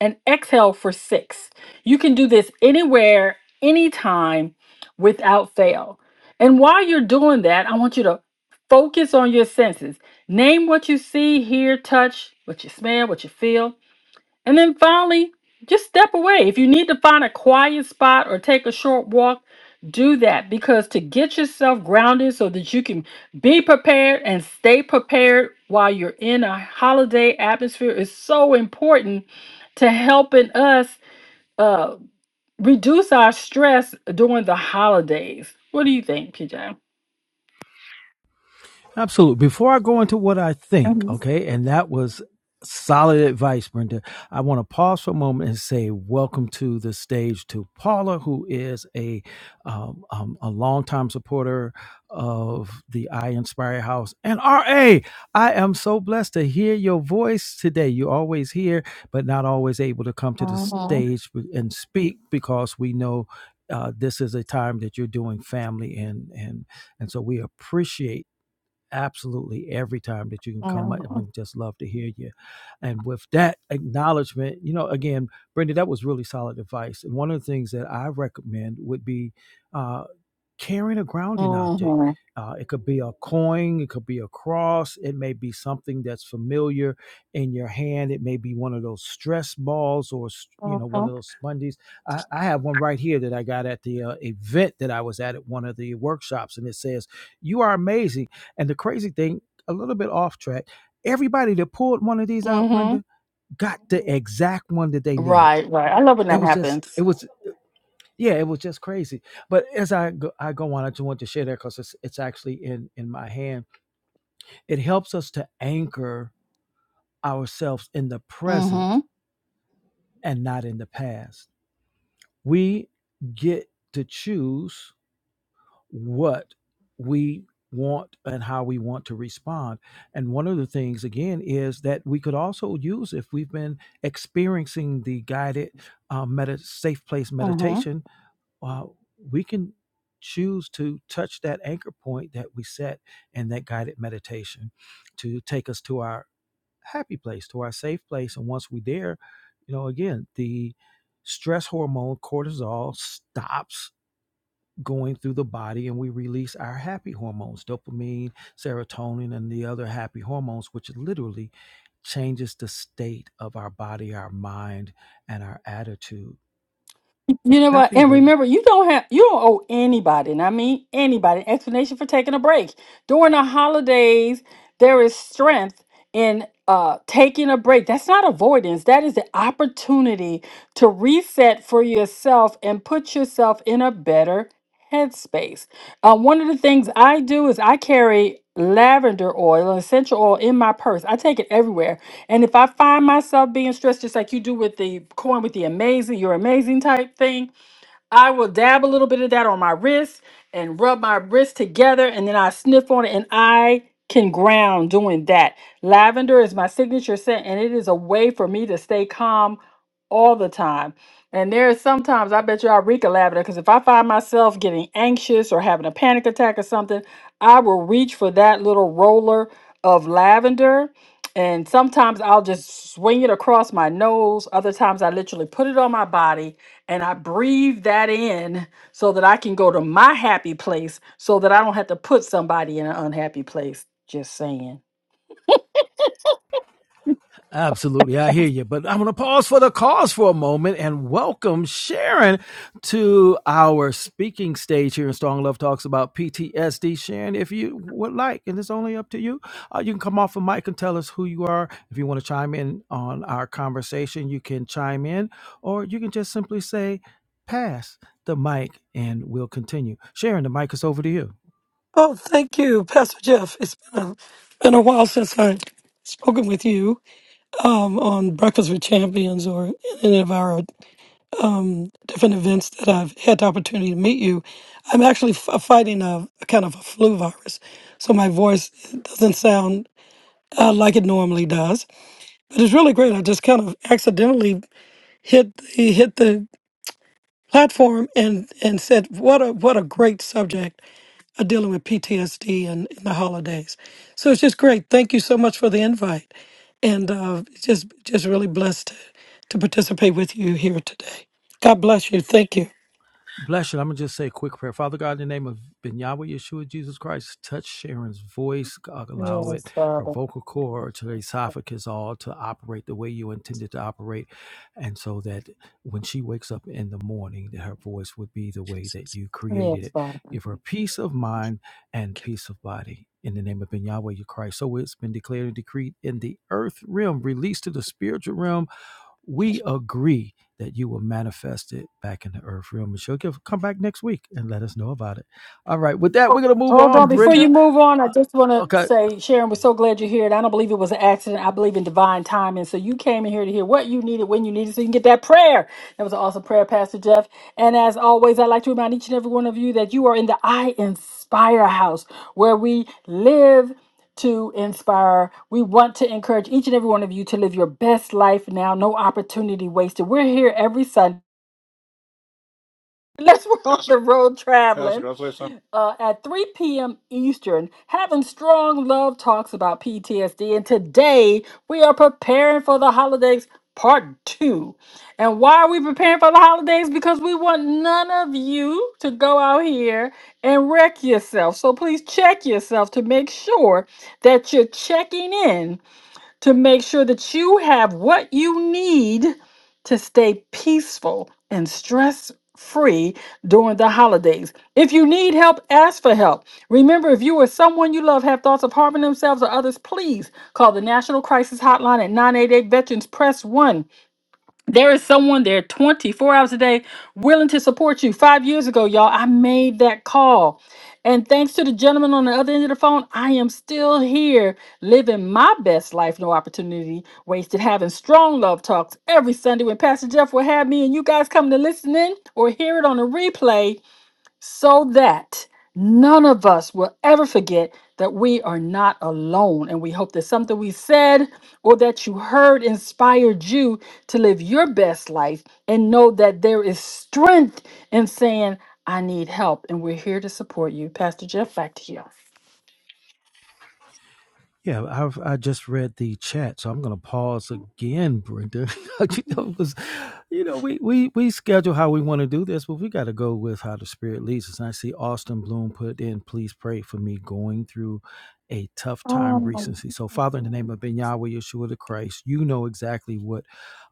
S2: and exhale for six. You can do this anywhere, anytime without fail. And while you're doing that, I want you to focus on your senses. Name what you see, hear, touch, what you smell, what you feel. And then finally, just step away. If you need to find a quiet spot or take a short walk, do that because to get yourself grounded so that you can be prepared and stay prepared while you're in a holiday atmosphere is so important to helping us uh, reduce our stress during the holidays. What do you think, PJ?
S1: Absolutely. Before I go into what I think, okay, and that was solid advice, Brenda. I want to pause for a moment and say welcome to the stage to Paula, who is a um, um, a longtime supporter of the I Inspire House. And RA, I am so blessed to hear your voice today. You're always here, but not always able to come to the
S2: Mhm,
S1: stage and speak because we know. Uh, this is a time that you're doing family and and and so we appreciate absolutely every time that you can come up I
S2: mhm,
S1: would just love to hear you and with that acknowledgement you know again brenda that was really solid advice and one of the things that i recommend would be uh, carrying a grounding object.
S2: mhm,
S1: Uh, it could be a coin, it could be a cross, it may be something that's familiar in your hand. It may be one of those stress balls or s- you know one of
S2: mhm,
S1: those sponges. I, I have one right here that I got at the uh, event that I was at at one of the workshops, and it says, "You are amazing." And the crazy thing, a little bit off track, everybody that pulled one of these out,
S2: mhm.
S1: Brenda, got the exact one that they needed.
S2: Right, right. I love when
S1: It
S2: that
S1: was just,
S2: happens.
S1: it was yeah, it was just crazy. But as I go, I go on, I just want to share that because it's it's actually in in my hand. It helps us to anchor ourselves in the present
S2: Mm-hmm.
S1: and not in the past. We get to choose what we want and how we want to respond. And one of the things again is that we could also use if we've been experiencing the guided uh, medi- safe place meditation uh, we can choose to touch that anchor point that we set in that guided meditation to take us to our happy place, to our safe place. And once we're there, you know, again, the stress hormone cortisol stops going through the body and we release our happy hormones, dopamine, serotonin, and the other happy hormones, which literally changes the state of our body, our mind, and our attitude
S2: You know
S1: Back
S2: what?
S1: to you,
S2: And
S1: Brandon.
S2: remember, you don't have you don't owe anybody, and I mean anybody, an explanation for taking a break. During the holidays, there is strength in uh taking a break. That's not avoidance. That is the opportunity to reset for yourself and put yourself in a better headspace. Uh, one of the things I do is I carry lavender oil, essential oil in my purse. I take it everywhere and if I find myself being stressed, just like you do with the corn with the amazing, you're amazing type thing, I will dab a little bit of that on my wrist and rub my wrist together and then I sniff on it and I can ground doing that. Lavender is my signature scent and it is a way for me to stay calm all the time. And there is sometimes I bet you I reek of lavender because if I find myself getting anxious or having a panic attack or something, I will reach for that little roller of lavender. And sometimes I'll just swing it across my nose. Other times I literally put it on my body and I breathe that in so that I can go to my happy place so that I don't have to put somebody in an unhappy place. Just saying.
S1: Absolutely. I hear you. But I'm going to pause for the cause for a moment and welcome Sharon to our speaking stage here in Strong Love Talks about PTSD. Sharon, if you would like, and it's only up to you, uh, you can come off the mic and tell us who you are. If you want to chime in on our conversation, you can chime in, or you can just simply say, pass the mic and we'll continue. Sharon, the mic is over to you.
S5: Oh, thank you, Pastor Jeff. It's been a, been a while since I've spoken with you um, on Breakfast with Champions or any of our um, different events that I've had the opportunity to meet you. I'm actually f- uh, fighting a, a kind of a flu virus, so my voice doesn't sound uh, like it normally does. But it's really great. I just kind of accidentally hit the, hit the platform and and said what a what a great subject uh, dealing with PTSD and in the holidays. So it's just great. Thank you so much for the invite, and uh, just just really blessed to, to participate with you here today. God bless you. Thank you.
S1: Bless you. I'm going to just say a quick prayer. Father God, in the name of Ben Yahweh Yeshua Jesus Christ, touch Sharon's voice. God, allow it,
S2: Yes,
S1: her
S2: Father.
S1: vocal cord to the esophagus, all to operate the way you intended to operate. And so that when she wakes up in the morning, that her voice would be the way that you created
S2: Yes,
S1: it. Give her peace of mind and peace of body. In the name of Ben Yahweh Yeshua Christ. So it's been declared and decreed in the earth realm, released to the spiritual realm we agree that you will manifest it back in the earth realm. And she'll give, come back next week and let us know about it. All right. With that, we're going to move
S2: Hold
S1: on,
S2: on. Before you
S1: Brenda.
S2: move on, I just want
S1: Uh,
S2: to
S1: okay.
S2: say, Sharon, we're so glad you're here. And I don't believe it was an accident. I believe in divine timing. So you came in here to hear what you needed, when you needed, so you can get that prayer. That was an awesome prayer, Pastor Jeff. And as always, I'd like to remind each and every one of you that you are in the I Inspire House, where we live to inspire. We want to encourage each and every one of you to live your best life now. No opportunity wasted. We're here every Sunday. (laughs) Unless we're on the road
S3: Pastor,
S2: traveling
S3: can I say something?
S2: uh, at 3 p.m. Eastern, having strong love talks about PTSD. And today we are preparing for the holidays part two. And why are we preparing for the holidays? Because we want none of you to go out here and wreck yourself. So please check yourself to make sure that you're checking in to make sure that you have what you need to stay peaceful and stress free during the holidays. If you need help, ask for help. Remember, if you or someone you love have thoughts of harming themselves or others, please call the National Crisis Hotline at 988 Veterans Press 1 there is someone there 24 hours a day willing to support you. Five years ago, y'all, I made that call. And thanks to the gentleman on the other end of the phone, I am still here living my best life, no opportunity wasted, having strong love talks every Sunday when Pastor Jeff will have me and you guys come to listen in or hear it on a replay so that none of us will ever forget that we are not alone. And we hope that something we said or that you heard inspired you to live your best life and know that there is strength in saying, I need help. And we're here to support you. Pastor Jeff, back to you.
S1: Yeah, I've I just read the chat, so I'm going to pause again, Brenda, (laughs) you know, because you know we we we schedule how we want to do this, but we got to go with how the Spirit leads us. And I see Austin Bloom put in, "Please pray for me going through a tough time
S2: Um,
S1: recently." So, Father, in the name of Ben Yahweh Yeshua the Christ, you know exactly what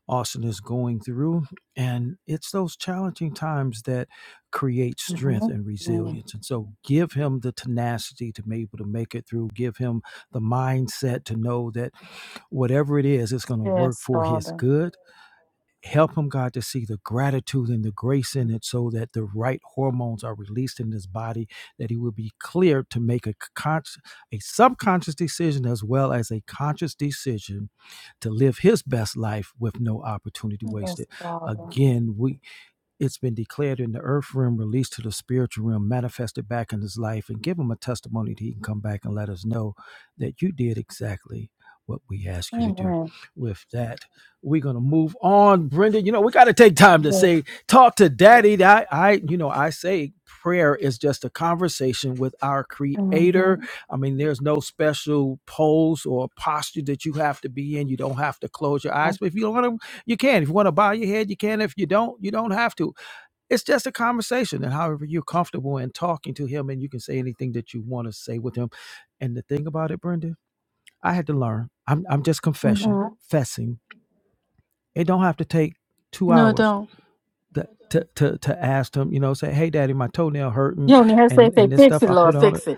S1: Austin is going through. And it's those challenging times that create strength
S2: mhm,
S1: and
S2: mhm.
S1: resilience. And so give him the tenacity to be able to make it through. Give him the mindset to know that whatever it is, it's going to work
S2: Yes,
S1: for his
S2: Father.
S1: good Help him, God, to see the gratitude and the grace in it so that the right hormones are released in his body, that he will be clear to make a, con- a subconscious decision as well as a conscious decision to live his best life with no opportunity wasted.
S2: Yes, Father.
S1: Again, we it's been declared in the earth realm, released to the spiritual realm, manifested back in his life, and give him a testimony that he can come back and let us know that you did exactly what we asked you to do.
S2: Amen.
S1: With that, we're gonna move on, Brenda. You know, we gotta take time to
S2: Yes.
S1: say, talk to daddy. I, I you know, I say prayer is just a conversation with our creator.
S2: Mhm,
S1: I mean, there's no special pose or posture that you have to be in. You don't have to close your eyes. But if you don't want to you can. If you want to bow your head, you can. If you don't, you don't have to. It's just a conversation. And however you're comfortable in talking to him, and you can say anything that you want to say with him. And the thing about it, Brenda, I had to learn. I'm, I'm just confessing,
S2: mhm.
S1: fessing. It don't have to take two
S2: No,
S1: hours
S2: don't.
S1: to, to, to, to ask him, you know, say, hey, daddy, my toenail hurting
S2: You only have to say,
S1: and, and
S2: say,
S1: this
S2: fix
S1: stuff
S2: it,
S1: I put
S2: Lord,
S1: on it.
S2: fix it.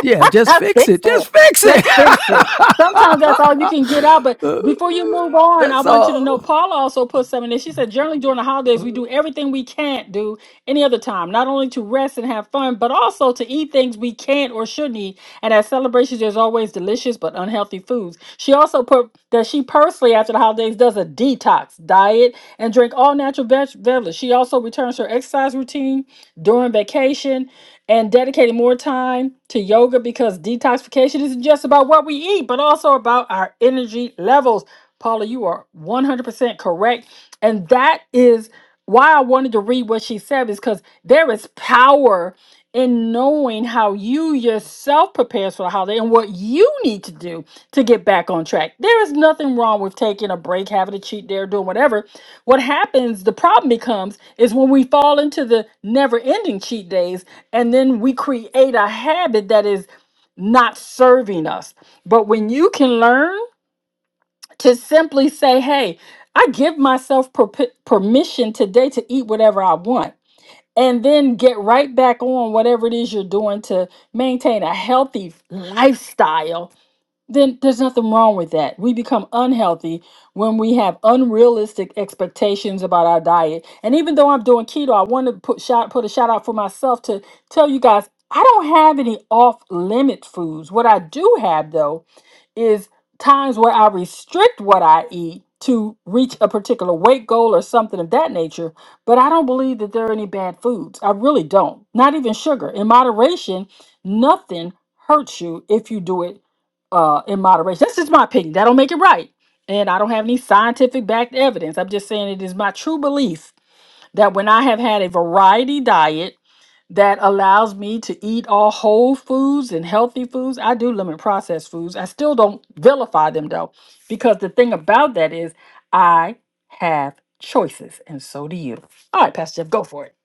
S1: Yeah, just
S2: (laughs)
S1: fix
S2: fix
S1: it.
S2: it.
S1: Just fix it.
S2: Just fix it. Sometimes that's all you can get out. But before you move
S1: (laughs)
S2: on, I
S1: That's
S2: want you to
S1: all.
S2: know Paula also put something there. She said, generally during the holidays,
S1: Uh,
S2: we do everything we can't do any other time, not only to rest and have fun, but also to eat things we can't or shouldn't eat. And at celebrations, there's always delicious but unhealthy foods. She also put that she personally, after the holidays, does a detox diet and drink all natural veg- vegetables. She also returns her exercise routine during vacation and dedicating more time to yoga because detoxification isn't just about what we eat, but also about our energy levels. Paula, you are 100% correct. And that is why I wanted to read what she said, is because there is power in knowing how you yourself prepares for the holiday and what you need to do to get back on track. There is nothing wrong with taking a break, having a cheat day, or doing whatever. What happens, the problem becomes, is when we fall into the never ending cheat days and then we create a habit that is not serving us. But when you can learn to simply say, hey, I give myself perp- permission today to eat whatever I want, and then get right back on whatever it is you're doing to maintain a healthy lifestyle then there's nothing wrong with that. We become unhealthy when we have unrealistic expectations about our diet. And even though I'm doing keto, I want to put shout put a shout out for myself to tell you guys I don't have any off limit foods. What I do have though is times where I restrict what I eat to reach a particular weight goal or something of that nature. But I don't believe that there are any bad foods. I really don't. Not even sugar. In moderation, nothing hurts you if you do it uh, in moderation. That's just my opinion. That don't make it right. And I don't have any scientific backed evidence. I'm just saying it is my true belief that when I have had a variety diet, that allows me to eat all whole foods and healthy foods. I do limit processed foods. I still don't vilify them though, because the thing about that is I have choices, and so do you. All right, Pastor Jeff, go for it.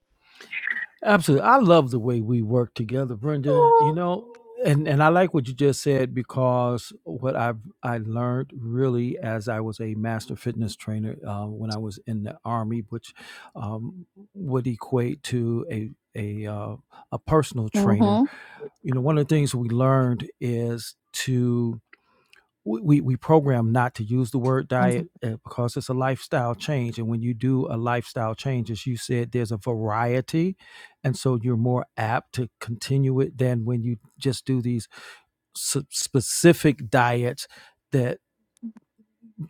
S1: Absolutely. I love the way we work together, Brenda. You know, and and I like what you just said because what I've I learned really as I was a master fitness trainer uh, when I was in the army, which um, would equate to a a uh, a personal trainer.
S2: mm
S1: You know, one of the things we learned is to we, we program not to use the word
S2: Mhm.
S1: diet uh, because it's a lifestyle change and when you do a lifestyle change as you said there's a variety and so you're more apt to continue it than when you just do these s- specific diets that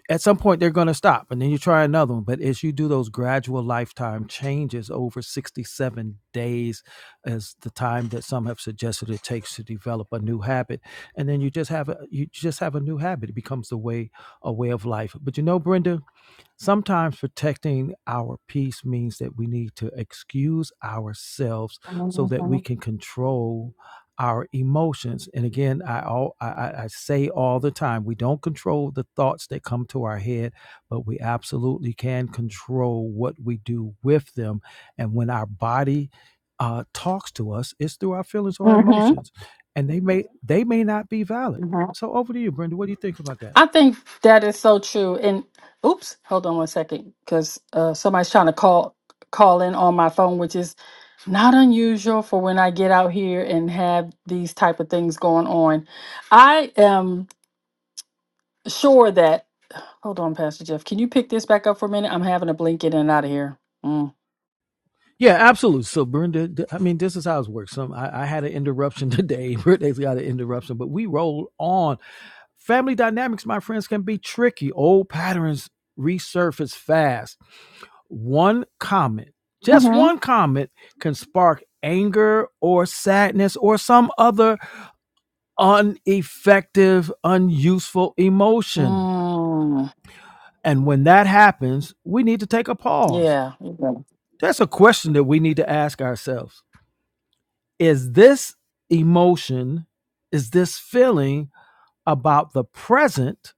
S1: at some point they're going to stop and then you try another one but as you do those gradual lifetime changes over 67 days is the time that some have suggested it takes to develop a new habit and then you just have a you just have a new habit it becomes the way a way of life but you know brenda Sometimes protecting our peace means that we need to excuse ourselves so
S2: mm
S1: that we
S2: Mhm.
S1: can control our emotions. And again, I, all, I, I I say all the time we don't control the thoughts that come to our head, but we absolutely can control what we do with them. And when our body uh, talks to us, it's through our feelings or our
S2: mm
S1: emotions. And they may they may not be valid.
S2: Mhm.
S1: So over to you, Brenda. What do you think about that?
S2: I think that is so true. And oops, hold on one second, because uh, somebody's trying to call call in on my phone, which is not unusual for when I get out here and have these type of things going on. I am sure that hold on, Pastor Jeff. Can you pick this back up for a minute? I'm having a blink in and out of here. Mm.
S1: Yeah, absolutely. So, Brenda, th- I mean, this is how it works. Some I, I had an interruption (laughs) today. brenda has got an interruption, but we roll on. Family dynamics, my friends, can be tricky. Old patterns resurface fast. One comment, just
S2: hmm
S1: one comment, can spark anger or sadness or some other uneffective, unuseful emotion.
S2: Mm.
S1: And when that happens, we need to take a pause.
S2: Yeah.
S1: That's a question that we need to ask ourselves. Is this emotion, is this feeling about the present,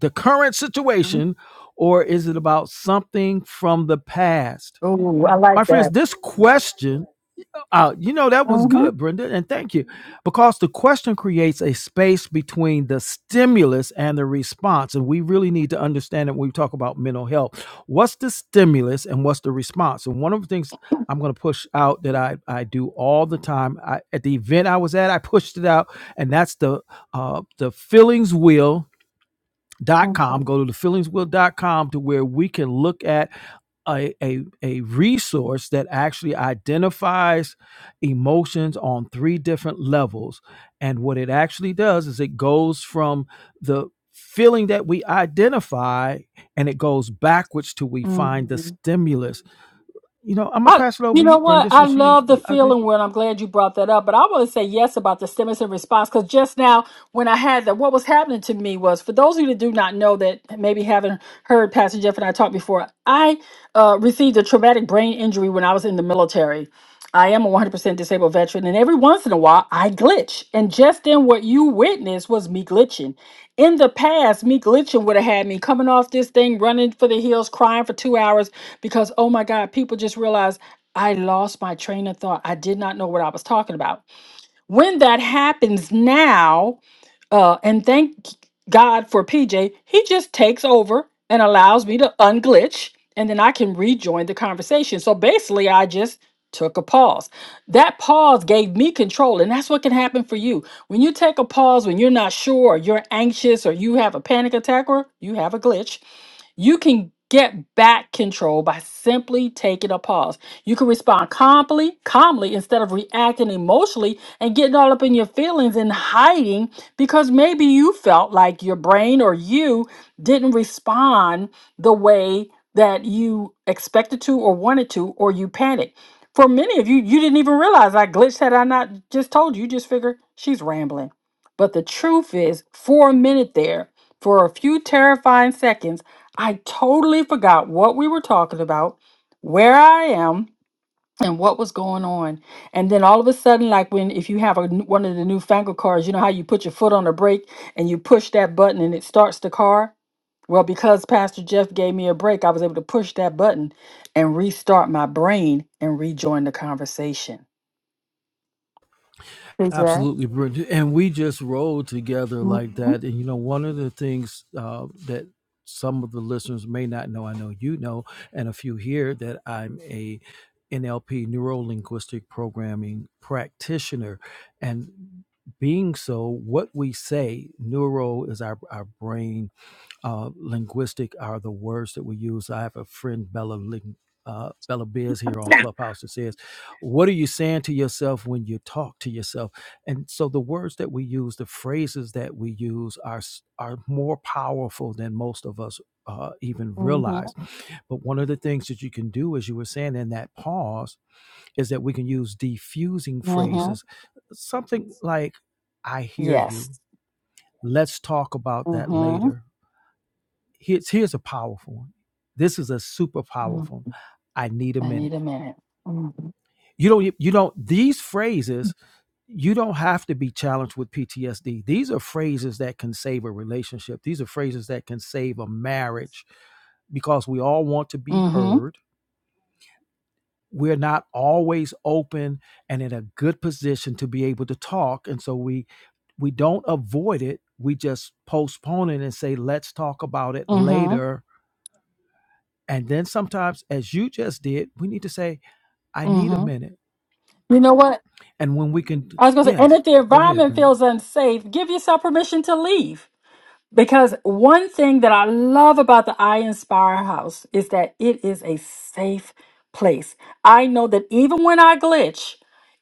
S1: the current situation, or is it about something from the past?
S2: Oh, I
S1: My
S2: like
S1: friends,
S2: that.
S1: this question Uh, you know, that one's good, Brenda, and thank you. Because the question creates a space between the stimulus and the response. And we really need to understand it when we talk about mental health. What's the stimulus and what's the response? And one of the things I'm going to push out that I, I do all the time I, at the event I was at, I pushed it out, and that's the, uh, the feelings wheel dot com
S2: Mm-hmm.
S1: go to the feelings will dot com to where we can look at a, a, a resource that actually identifies emotions on three different levels and what it actually does is it goes from the feeling that we identify and it goes backwards till we find the stimulus you know, I'm gonna
S2: I,
S1: pass it over
S2: you
S1: to
S2: know
S1: you,
S2: what?
S1: Brenda,
S2: I
S1: since you.
S2: love the
S1: you- I think
S2: feeling word. I'm glad you brought that up. But I want to say yes about the stimulus and response because just now when I had that, what was happening to me was for those of you that do not know that maybe haven't heard Pastor Jeff and I talk before, I uh, received a traumatic brain injury when I was in the military. I am a 100% disabled veteran, and every once in a while I glitch. And just then, what you witnessed was me glitching. In the past, me glitching would have had me coming off this thing, running for the hills, crying for two hours, because oh my god people just realize i lost my train of thought i did not know what i was talking about when that happens now uh and thank god for pj he just takes over and allows me to unglitch and then i can rejoin the conversation so basically i just took a pause that pause gave me control and that's what can happen for you when you take a pause when you're not sure or you're anxious or you have a panic attack or you have a glitch you can get back control by simply taking a pause. You can respond calmly, calmly instead of reacting emotionally and getting all up in your feelings and hiding because maybe you felt like your brain or you didn't respond the way that you expected to or wanted to or you panicked. For many of you, you didn't even realize I glitched had I not just told you. You just figure she's rambling. But the truth is, for a minute there, for a few terrifying seconds, I totally forgot what we were talking about, where I am, and what was going on. And then all of a sudden, like when if you have a, n- one of the newfangled cars, you know how you put your foot on the brake and you push that button and it starts the car? Well, because Pastor Jeff gave me a break, I was able to push that button and restart my brain and rejoin the conversation. Is that?
S1: Absolutely brilliant. And we just rolled together like
S2: Mm-hmm.
S1: that. And, you know, one of the things uh, that some of the listeners may not know, I know you know, and a few here, that I'm a NLP, neuro linguistic programming practitioner. And being so, what we say, neuro is our, our brain uh, linguistic are the words that we use. I have a friend, Bella, Ling, uh, Bella Biz, here on Clubhouse that says, What are you saying to yourself when you talk to yourself? And so the words that we use, the phrases that we use are, s- are more powerful than most of us uh, even
S2: Mm-hmm.
S1: realize. But one of the things that you can do, as you were saying in that pause, is that we can use diffusing
S2: Mm-hmm.
S1: phrases, something like, I hear
S2: Yes.
S1: you. Let's talk about that
S2: Mm-hmm.
S1: later here's here's a powerful one. This is a super powerful. one. I need a
S2: I need
S1: minute.
S2: a minute. Mm-hmm.
S1: You don't you don't these phrases you don't have to be challenged with PTSD. These are phrases that can save a relationship. These are phrases that can save a marriage because we all want to be heard. We're not always open and in a good position to be able to talk and so we we don't avoid it. We just postpone it and say let's talk about it
S2: Mm-hmm.
S1: later And then sometimes, as you just did, we need to say, I need a
S2: hmm
S1: minute.
S2: You know what?
S1: And when we can,
S2: I was going to say, and
S1: yes,
S2: if the
S1: go ahead,
S2: environment
S1: Brenda.
S2: feels unsafe, give yourself permission to leave. Because one thing that I love about the I Inspire House is that it is a safe place. I know that even when I glitch,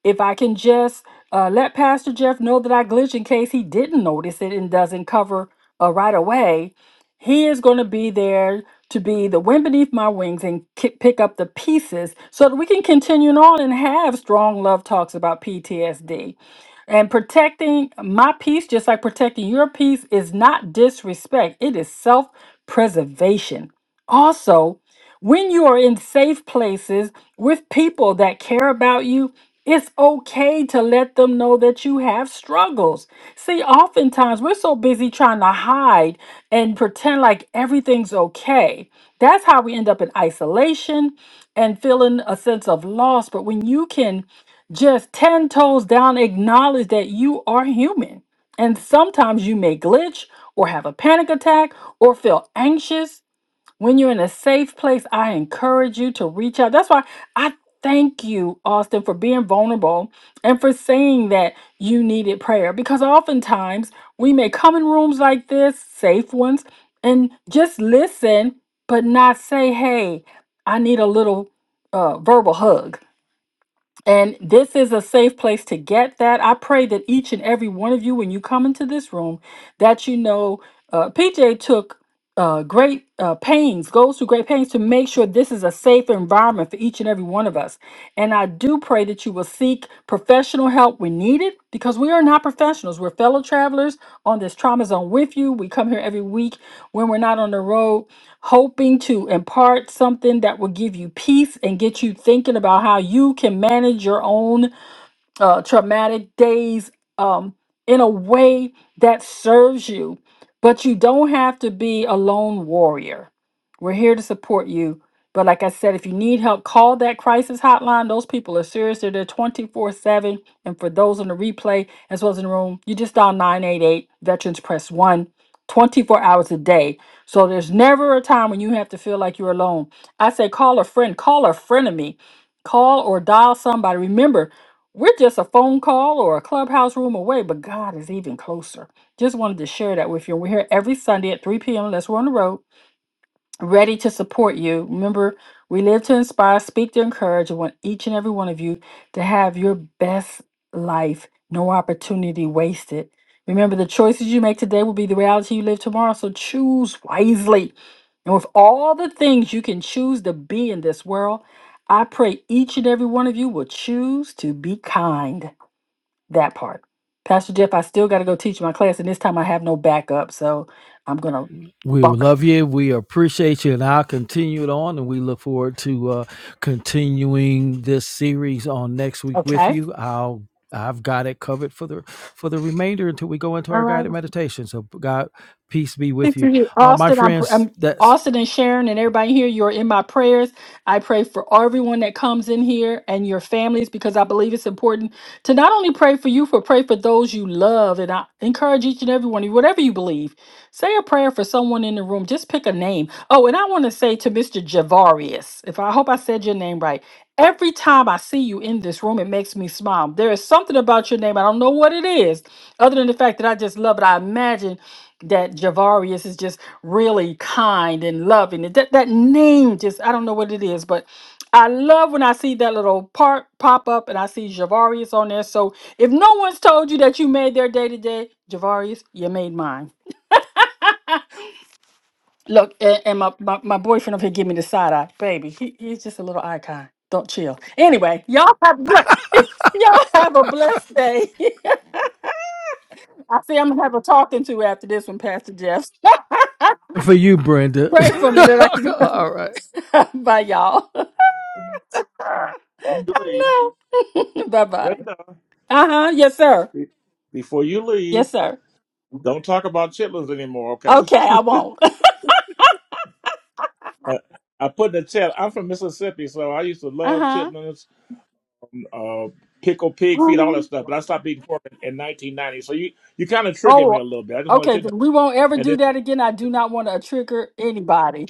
S2: if I can just uh, let Pastor Jeff know that I glitch in case he didn't notice it and doesn't cover uh, right away, he is going to be there to be the wind beneath my wings and ki- pick up the pieces so that we can continue on and have strong love talks about PTSD. And protecting my peace, just like protecting your peace, is not disrespect, it is self preservation. Also, when you are in safe places with people that care about you, it's okay to let them know that you have struggles. See, oftentimes we're so busy trying to hide and pretend like everything's okay. That's how we end up in isolation and feeling a sense of loss. But when you can just 10 toes down, acknowledge that you are human. And sometimes you may glitch or have a panic attack or feel anxious. When you're in a safe place, I encourage you to reach out. That's why I thank you, Austin, for being vulnerable and for saying that you needed prayer because oftentimes we may come in rooms like this, safe ones, and just listen, but not say, hey, I need a little uh, verbal hug and this is a safe place to get that. I pray that each and every one of you, when you come into this room, that you know uh, PJ took uh, great uh, pains, goes through great pains to make sure this is a safe environment for each and every one of us. And I do pray that you will seek professional help when needed because we are not professionals. We're fellow travelers on this trauma zone with you. We come here every week when we're not on the road hoping to impart something that will give you peace and get you thinking about how you can manage your own uh, traumatic days um, in a way that serves you. But you don't have to be a lone warrior. We're here to support you. But like I said, if you need help, call that crisis hotline. Those people are serious. They're there 24 7. And for those on the replay, as well as in the room, you just dial 988 Veterans Press one, 24 hours a day. So there's never a time when you have to feel like you're alone. I say call a friend, call a frenemy, call or dial somebody. Remember, we're just a phone call or a clubhouse room away, but God is even closer. Just wanted to share that with you. We're here every Sunday at 3 p.m. unless we're on the road, ready to support you. Remember, we live to inspire, speak to encourage, and want each and every one of you to have your best life, no opportunity wasted. Remember, the choices you make today will be the reality you live tomorrow, so choose wisely. And with all the things you can choose to be in this world, I pray each and every one of you will choose to be kind. That part. Pastor Jeff, I still got to go teach my class, and this time I have no backup, so I'm going to
S1: We
S2: bump.
S1: love you. We appreciate you. And I'll continue it on. And we look forward to uh, continuing this series on next
S2: out.
S1: week with
S2: Okay.
S1: you. I'll I've got it covered for the for the remainder until we go into
S2: All
S1: our
S2: right.
S1: guided meditation. So God, peace be with
S2: Thank
S1: you,
S2: you,
S1: uh, my
S2: Austin. I'm,
S1: friends.
S2: I'm
S1: That's
S2: Austin and Sharon and everybody here. You're in my prayers. I pray for everyone that comes in here and your families because I believe it's important to not only pray for you, but pray for those you love. And I encourage each and every one of you, whatever you believe, say a prayer for someone in the room. Just pick a name. Oh, and I want to say to Mr. Javarius, if I hope I said your name right. Every time I see you in this room, it makes me smile. There is something about your name. I don't know what it is, other than the fact that I just love it. I imagine that Javarius is just really kind and loving. And That that name just I don't know what it is, but I love when I see that little part pop up and I see Javarius on there. So if no one's told you that you made their day today, Javarius, you made mine. Look, and, and my, my my boyfriend over here give me the side eye, baby. He, he's just a little icon. Don't chill. Anyway, y'all have a ble- (laughs) y'all have a blessed day. (laughs) I see I'm gonna have a talking to after this one, Pastor Jeff. (laughs)
S1: for you, Brenda.
S2: Pray for me that I
S1: (laughs)
S2: can.
S1: All right.
S2: (laughs) Bye, y'all. (laughs)
S3: Before You leave,
S2: I know. (laughs) bye bye.
S3: Brenda.
S2: Uh huh. Yes, sir.
S3: be- Before you
S2: Yes,
S3: leave,
S2: sir.
S3: don't talk about chitlins anymore, okay?
S2: Okay,
S3: (laughs)
S2: I won't. (laughs)
S3: Uh, I put in the chat. I'm from Mississippi, so I used to
S2: Uh
S3: love
S2: huh.
S3: chitlins. uh, pickle pig feet, all
S2: Uh-huh.
S3: that stuff. But I stopped eating pork in, in 1990. So you you kind of triggered me
S2: Oh,
S3: a little bit. I just wanted
S2: okay.
S3: you to know.
S2: then We won't ever
S3: And
S2: do
S3: then
S2: that again. I do not want to trigger anybody.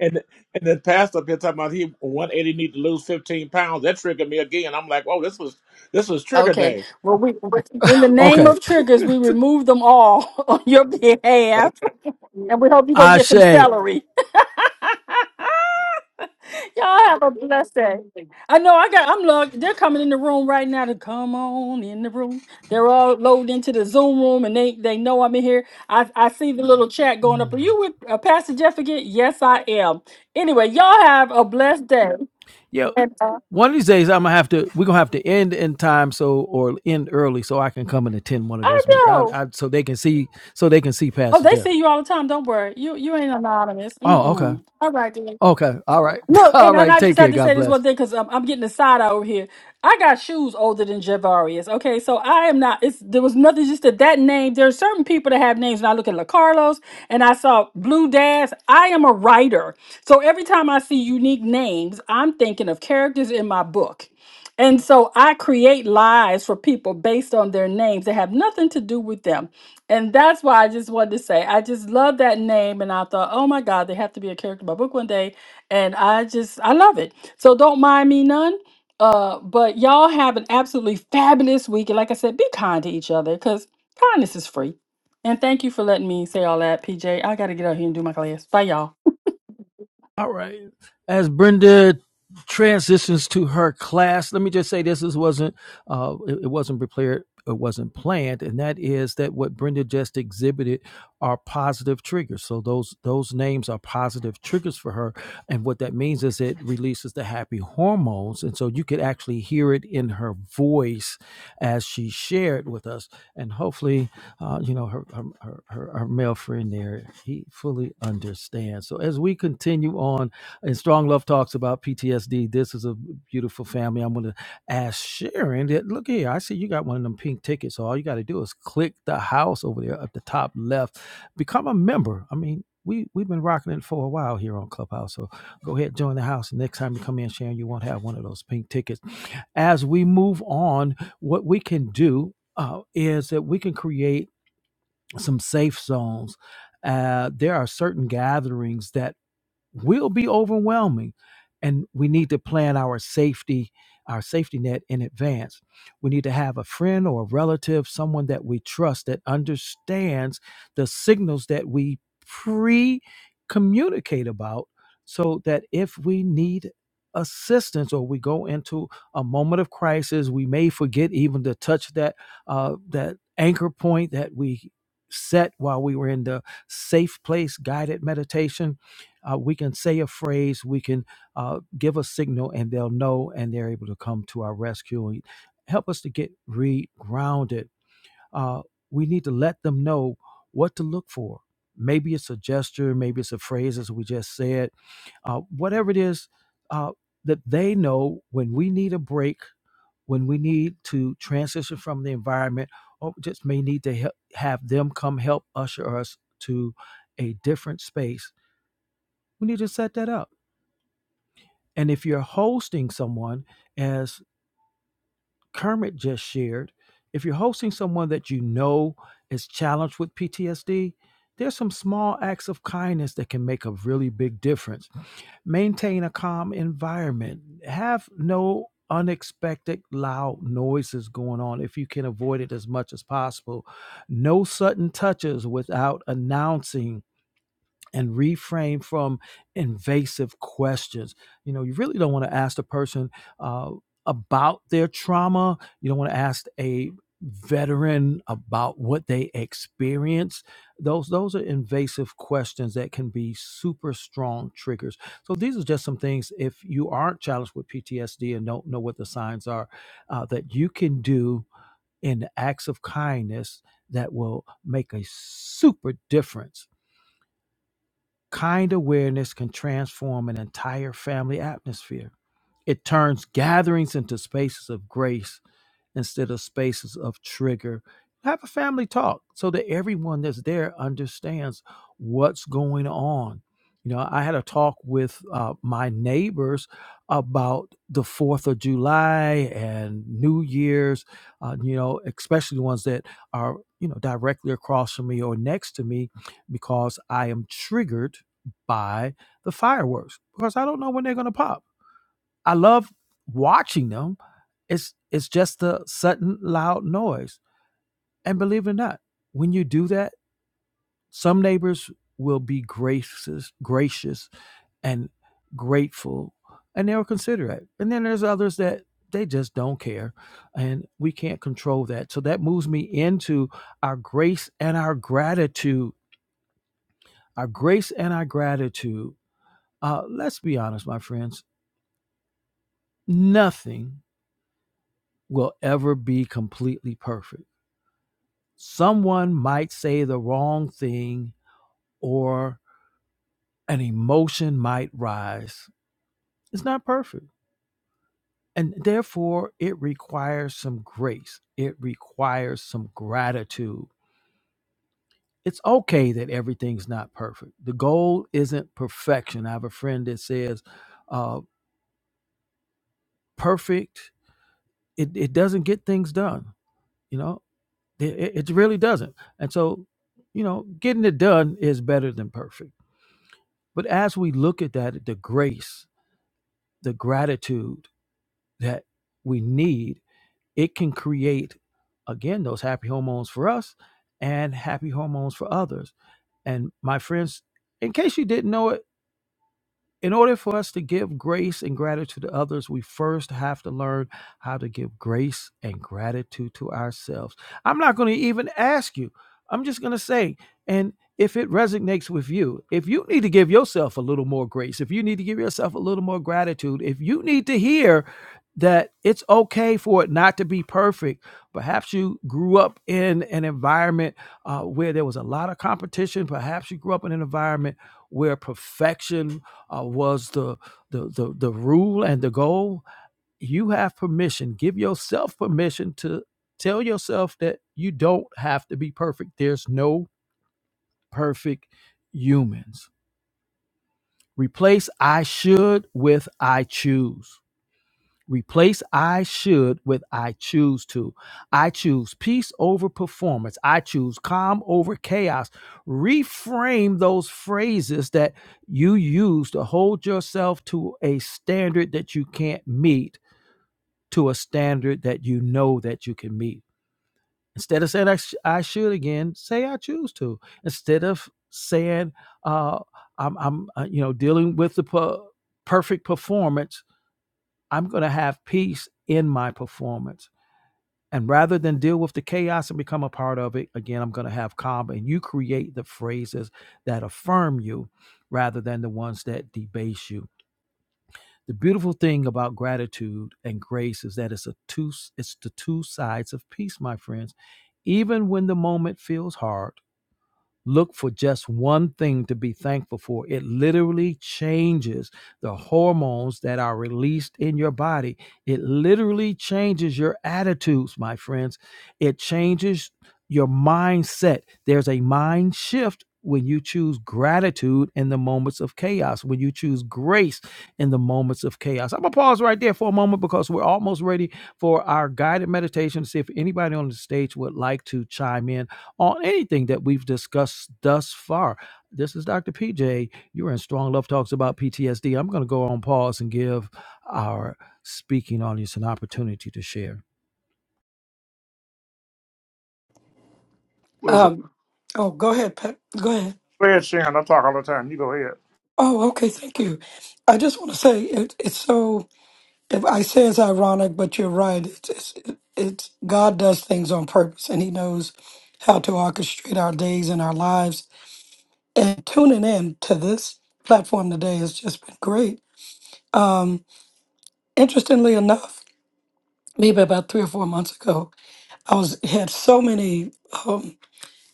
S3: and and then passed up here talking about he 180 need to lose 15 pounds. That triggered me again. I'm like, oh, this was this was trigger
S2: Okay.
S3: day.
S2: Well, we in the name
S1: Okay.
S2: of triggers, we remove them all (laughs) on your
S3: Okay.
S2: behalf, and we hope you go get some
S1: Ashe.
S2: celery. (laughs) Y'all have a blessed day. I know I got I'm logged. They're coming in the room right now to come on in the room. They're all loaded into the Zoom room and they they know I'm in here. I I see the little chat going up. Are
S1: Mm.
S2: you with uh, Pastor Jeff again? Yes, I am. Anyway, y'all have a blessed day.
S1: Yeah.
S2: And uh,
S1: One of these days I'm gonna have to we're gonna have to end in time so or end early so I can come and attend one of
S2: I
S1: those meetings. I,
S2: do.
S1: I so they can see so they can see
S2: Oh,
S1: Pastor
S2: they see
S1: Jeff.
S2: you all the time. Don't worry. You you ain't anonymous.
S1: Oh, okay.
S2: Mm-mm. All right, then.
S1: Okay. All right. (laughs)
S2: Look, and,
S1: All
S2: and
S1: right.
S2: I
S1: Take
S2: just had
S1: care.
S2: to
S1: God
S2: say this
S1: bless.
S2: one thing because I'm, I'm getting a side eye over here. I got shoes older than Javarius. Okay, so I am not. It's there was nothing just that that name. There are certain people that have names. And I look at La Carlos and I saw Blue Daz. I am a writer, so every time I see unique names, I'm thinking of characters in my book. And so I create lies for people based on their names that have nothing to do with them. And that's why I just wanted to say I just love that name. And I thought, oh my God, they have to be a character in my book one day and I just I love it. So don't mind me none. Uh, but y'all have an absolutely fabulous week. And like I said, be kind to each other because kindness is free. And thank you for letting me say all that, PJ. I gotta get out here and do my class. Bye y'all.
S1: All right. As Brenda transitions to her class, let me just say this: this wasn't uh, it, it wasn't prepared, it wasn't planned, and that is that what Brenda just exhibited are positive triggers. So those those names are positive triggers for her, and what that means is it releases the happy hormones, and so you could actually hear it in her voice as she shared with us, and hopefully uh, you know, her, her, her, her her male friend there, he fully understands. So as we continue on, and Strong Love talks about PTSD, this is a beautiful family. I'm going to ask Sharon that, look here, I see you got one of them pink tickets. So all you got to do is click the house over there at the top left, become a member. I mean, we, we've been rocking it for a while here on Clubhouse. So go ahead, join the house. Next time you come in, Sharon, you won't have one of those pink tickets. As we move on, what we can do uh, is that we can create some safe zones. Uh, there are certain gatherings that will be overwhelming and we need to plan our safety our safety net in advance we need to have a friend or a relative someone that we trust that understands the signals that we pre communicate about so that if we need assistance or we go into a moment of crisis we may forget even to touch that uh, that anchor point that we set while we were in the safe place guided meditation uh, we can say a phrase, we can uh, give a signal, and they'll know, and they're able to come to our rescue and help us to get regrounded. Uh, we need to let them know what to look for. Maybe it's a gesture, maybe it's a phrase, as we just said. Uh, whatever it is uh, that they know when we need a break, when we need to transition from the environment, or just may need to help, have them come help usher us to a different space. We need to set that up and if you're hosting someone, as Kermit just shared, if you're hosting someone that you know is challenged with PTSD, there's some small acts of kindness that can make a really big difference. Maintain a calm environment. Have no unexpected loud noises going on if you can avoid it as much as possible. No sudden touches without announcing and refrain from invasive questions. You know, you really don't want to ask the person uh, about their trauma. You don't want to ask a veteran about what they experienced. Those those are invasive questions that can be super strong triggers. So these are just some things if you aren't challenged with PTSD and don't know what the signs are uh, that you can do in acts of kindness that will make a super difference Kind awareness can transform an entire family atmosphere. It turns gatherings into spaces of grace instead of spaces of trigger. Have a family talk so that everyone that's there understands what's going on. You know, I had a talk with uh, my neighbors about the 4th of July and New Year's, uh, you know, especially the ones that are, you know, directly across from me or next to me because I am triggered by the fireworks because I don't know when they're going to pop I love watching them. It's it's just a sudden loud noise. And believe it or not, when you do that, some neighbors will be gracious, gracious and grateful, and they'll consider it. And then there's others that they just don't care, and we can't control that. So that moves me into our grace and our gratitude. Our grace and our gratitude. Uh, let's be honest, my friends. Nothing will ever be completely perfect Someone might say the wrong thing or an emotion might rise. It's not perfect. And therefore, it requires some grace, it requires some gratitude. It's okay that everything's not perfect. The goal isn't perfection. I have a friend that says, uh, perfect, it, it doesn't get things done. You know, it, it it really doesn't. And so, you know, getting it done is better than perfect. But as we look at that, the grace the gratitude that we need, it can create again those happy hormones for us and happy hormones for others. And my friends, in case you didn't know it, in order for us to give grace and gratitude to others, we first have to learn how to give grace and gratitude to ourselves. I'm not going to even ask you. I'm just going to say, and if it resonates with you, if you need to give yourself a little more grace, if you need to give yourself a little more gratitude, if you need to hear that it's okay for it not to be perfect, perhaps you grew up in an environment uh, where there was a lot of competition, perhaps you grew up in an environment where perfection uh, was the, the the the rule and the goal. You have permission. Give yourself permission to tell yourself that you don't have to be perfect. There's no perfect humans. Replace I should with I choose. Replace I should with I choose to. I choose peace over performance. I choose calm over chaos. Reframe those phrases that you use to hold yourself to a standard that you can't meet, to a standard that you know that you can meet. Instead of saying I, sh- I should again, say I choose to. Instead of saying uh, I'm, I'm uh, you know dealing with the per- perfect performance I'm going to have peace in my performance. And rather than deal with the chaos and become a part of it, again, I'm going to have calm. And you create the phrases that affirm you rather than the ones that debase you. The beautiful thing about gratitude and grace is that it's a two it's the two sides of peace, my friends. Even when the moment feels hard, Look for just one thing to be thankful for. It literally changes the hormones that are released in your body. It literally changes your attitudes, my friends. It changes your mindset. There's a mind shift when you choose gratitude in the moments of chaos, when you choose grace in the moments of chaos. I'm going to pause right there for a moment because we're almost ready for our guided meditation to see if anybody on the stage would like to chime in on anything that we've discussed thus far. This is Dr. PJ. You're in Strong Love Talks about PTSD. I'm going to go on pause and give our speaking audience an opportunity to share.
S3: Listen,
S5: Um, oh, go ahead, Pat. Go ahead.
S3: go ahead, Sharon. I talk all the time. You go ahead.
S5: Oh, okay. Thank you. I just want to say it, it's so. If I say it's ironic, but you're right. It's, it's it's God does things on purpose, and He knows how to orchestrate our days and our lives. And tuning in to this platform today has just been great Interestingly enough, maybe about three or four months ago, I was had so many um,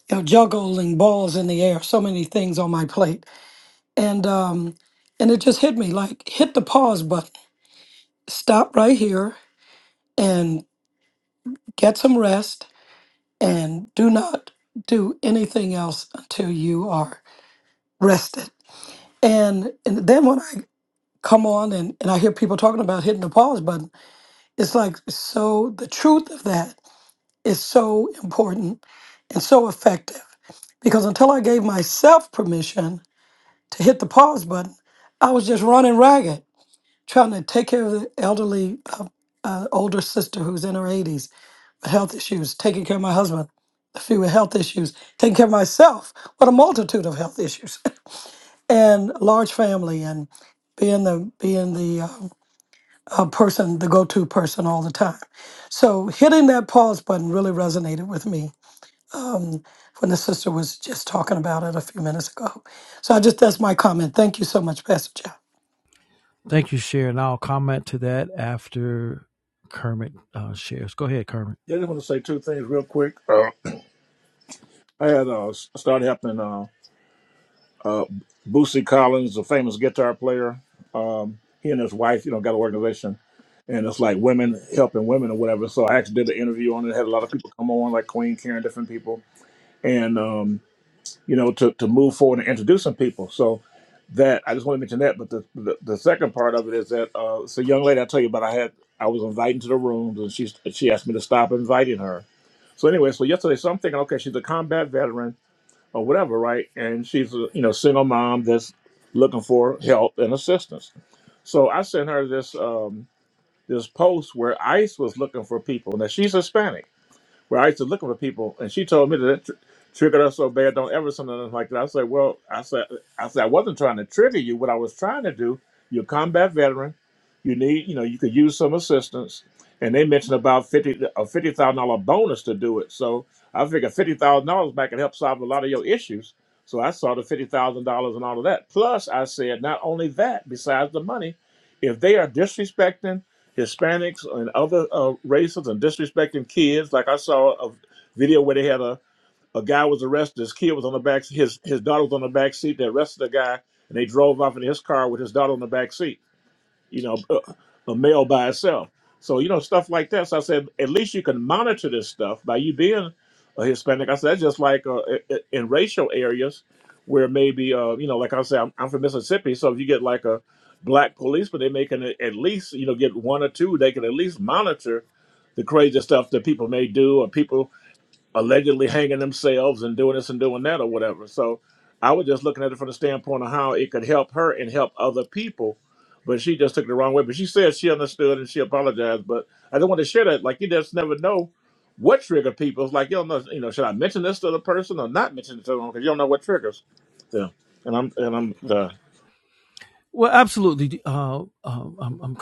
S5: you know, juggling balls in the air, so many things on my plate, and um, and it just hit me like hit the pause button, stop right here, and get some rest, and do not do anything else until you are rested. And and then when I come on and, and I hear people talking about hitting the pause button, it's like so the truth of that is so important and so effective because until I gave myself permission to hit the pause button, I was just running ragged trying to take care of the elderly, uh, uh, older sister who's in her 80s, with health issues, taking care of my husband, a few with health issues, taking care of myself, what a multitude of health issues, (laughs) and large family, and being the being the um, uh, person, the go-to person all the time. So hitting that pause button really resonated with me um, when the sister was just talking about it a few minutes ago. So I just that's my comment. Thank you so much, Pastor Jeff.
S1: Thank you, Sharon. I'll comment to that after Kermit uh, shares. Go ahead, Kermit.
S3: Yeah, I just want to say two things real quick. Uh, I had uh, s- started helping. Uh, Boosie Collins, a famous guitar player, um, he and his wife, you know, got an organization, and it's like women helping women or whatever. So I actually did an interview on it. Had a lot of people come on, like Queen Karen, different people, and um, you know, to to move forward and introducing people. So that I just want to mention that. But the the, the second part of it is that uh, it's a young lady I tell you about. I had I was invited to the rooms, and she she asked me to stop inviting her. So anyway, so yesterday, so I'm thinking, okay, she's a combat veteran or whatever, right? And she's a you know single mom that's looking for help and assistance. So I sent her this um, this post where ICE was looking for people. Now she's Hispanic. Well, I used to look for people, and she told me that it tr- triggered her so bad. Don't ever something like that. I said, well, I said, I said I wasn't trying to trigger you. What I was trying to do, you're a combat veteran. You need, you know, you could use some assistance. And they mentioned about fifty a fifty thousand dollar bonus to do it. So I figured fifty thousand dollars back can help solve a lot of your issues. So I saw the fifty thousand dollars and all of that. Plus, I said, not only that, besides the money, if they are disrespecting Hispanics and other uh, races and disrespecting kids. Like I saw a video where they had a, a guy was arrested. His kid was on the back. His his daughter was on the back seat. They arrested the guy and they drove off in his car with his daughter on the back seat you know, (laughs) a male by itself. So, you know, stuff like that. So I said, at least you can monitor this stuff by you being a Hispanic. I said, that's just like uh, i- i- in racial areas where maybe, uh, you know, like I said, I'm, I'm from Mississippi. So if you get like a black policeman, they may can a- at least, you know, get one or two, they can at least monitor the crazy stuff that people may do or people allegedly hanging themselves and doing this and doing that or whatever. So I was just looking at it from the standpoint of how it could help her and help other people. But she just took it the wrong way. But she said she understood and she apologized. But I don't want to share that. Like you just never know what trigger people. It's like you don't know. You know, should I mention this to the person or not mention it to them? Because you don't know what triggers. Yeah. And I'm and I'm done.
S1: Well, absolutely, uh, um, um, um,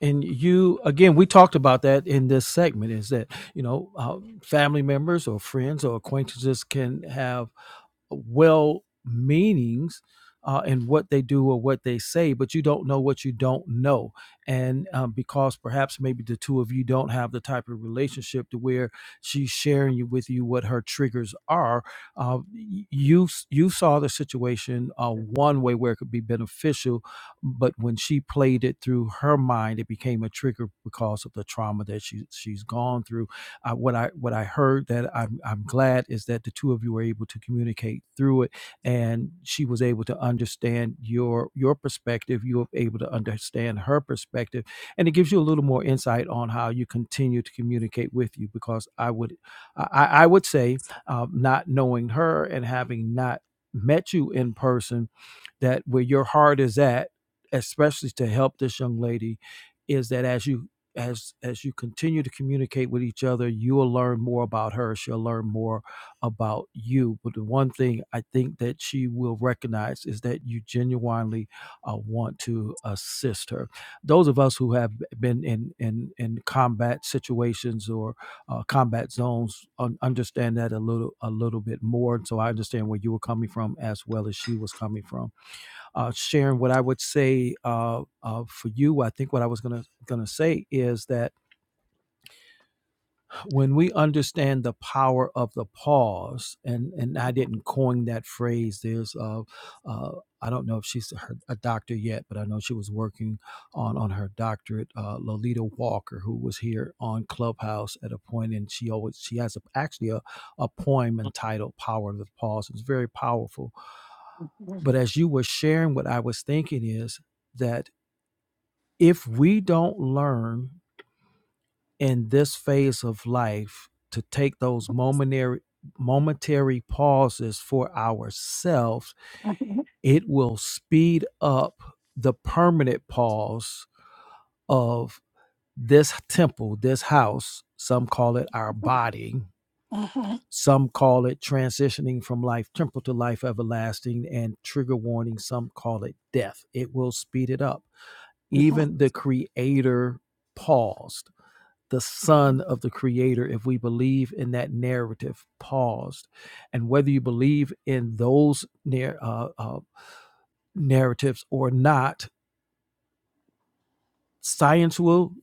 S1: and you again. We talked about that in this segment. Is that you know uh, family members or friends or acquaintances can have well meanings uh, in what they do or what they say, but you don't know what you don't know. And um, because perhaps maybe the two of you don't have the type of relationship to where she's sharing you with you what her triggers are, uh, you you saw the situation uh, one way where it could be beneficial, but when she played it through her mind, it became a trigger because of the trauma that she she's gone through uh, what I what I heard that I'm I'm glad is that the two of you were able to communicate through it, and she was able to understand your your perspective. You were able to understand her perspective, and it gives you a little more insight on how you continue to communicate with you. Because I would I, I would say um, not knowing her and having not met you in person that where your heart is at especially to help this young lady is that as you as as you continue to communicate with each other you will learn more about her she'll learn more about you but the one thing i think that she will recognize is that you genuinely uh, want to assist her those of us who have been in in in combat situations or uh, combat zones un- understand that a little a little bit more And so i understand where you were coming from as well as she was coming from uh, sharing what I would say uh, uh, for you. I think what I was gonna gonna say is that when we understand the power of the pause, and and I didn't coin that phrase. There's uh, uh, I don't know if she's her, a doctor yet, but I know she was working on on her doctorate. Uh, Lolita Walker, who was here on Clubhouse at a point, and she always she has a, actually a a poem entitled "Power of the Pause." It's very powerful.
S5: Mhm,
S1: But as you were sharing, what I was thinking is that if we don't learn in this phase of life to take those momentary momentary pauses for ourselves
S5: mhm,
S1: it will speed up the permanent pause of this temple this house some call it our body some call it transitioning from life temporal to life everlasting and trigger warning some call it death it will speed it up
S5: mhm.
S1: even the creator paused the son of the creator if we believe in that narrative paused and whether you believe in those nar- uh, uh, narratives or not science will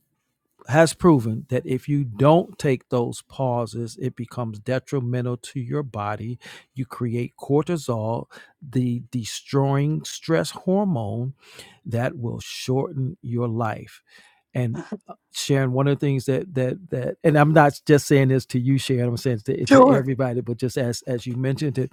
S1: has proven that if you don't take those pauses it becomes detrimental to your body you create cortisol the destroying stress hormone that will shorten your life and uh, Sharon, one of the things that that that, and I'm not just saying this to you, Sharon. I'm saying to, to
S5: Sure.
S1: everybody, but just as as you mentioned it,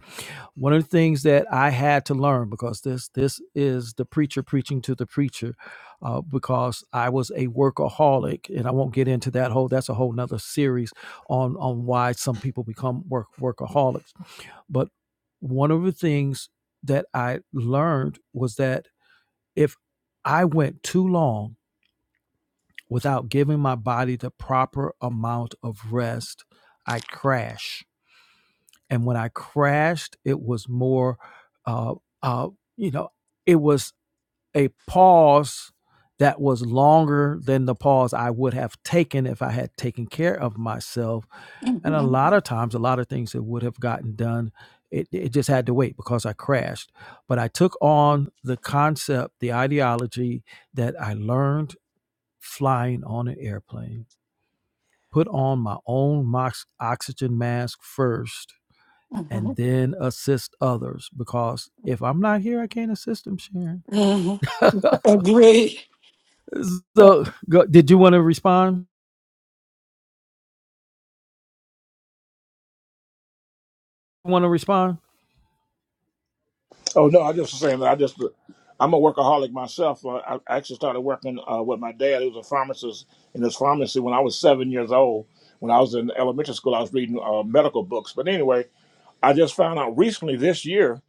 S1: one of the things that I had to learn because this this is the preacher preaching to the preacher, uh, because I was a workaholic, and I won't get into that whole. That's a whole nother series on on why some people become work workaholics. But one of the things that I learned was that if I went too long Without giving my body the proper amount of rest, I crash. And when I crashed, it was more, uh, uh, you know, it was a pause that was longer than the pause I would have taken if I had taken care of myself. And a
S5: Mhm,
S1: lot of times, a lot of things that would have gotten done, it, it just had to wait because I crashed. But I took on the concept, the ideology that I learned flying on an airplane put on my own oxygen mask first and
S5: mhm,
S1: then assist others because if I'm not here, I can't assist them, Sharon.
S5: mhm. Agree.
S1: (laughs) so, go, did you want to respond? Want to respond?
S3: Oh no, I just was saying that I just I'm a workaholic myself. Uh, I I actually started working uh, with my dad, he was a pharmacist in his pharmacy when I was seven years old. When I was in elementary school, I was reading uh, medical books. But anyway, I just found out recently this year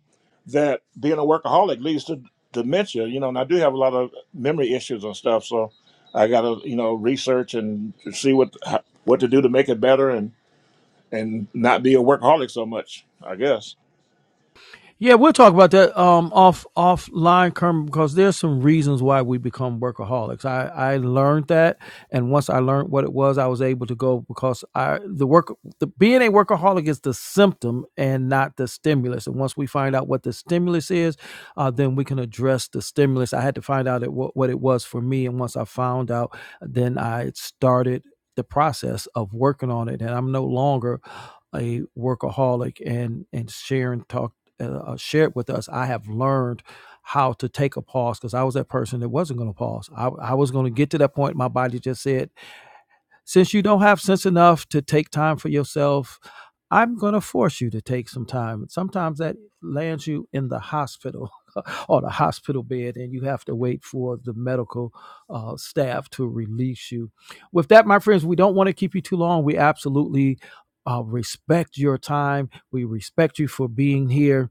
S3: that being a workaholic leads to dementia. You know, and I do have a lot of memory issues and stuff, so I got to you know research and see what how- what to do to make it better and and not be a workaholic so much. I guess
S1: Yeah, we'll talk about that um, off offline, Kermit. because there's some reasons why we become workaholics. I, I learned that, and once I learned what it was, I was able to go because I the work the being a workaholic is the symptom and not the stimulus. And once we find out what the stimulus is, uh, then we can address the stimulus. I had to find out it, what what it was for me, and once I found out, then I started the process of working on it, and I'm no longer a workaholic and and sharing talk uh, uh, shared with us, I have learned how to take a pause because I was that person that wasn't going to pause. I, I was going to get to that point. My body just said, since you don't have sense enough to take time for yourself, I'm going to force you to take some time. Sometimes that lands you in the hospital (laughs) or the hospital bed, and you have to wait for the medical uh, staff to release you. With that, my friends, we don't want to keep you too long. We absolutely uh, respect your time. We respect you for being here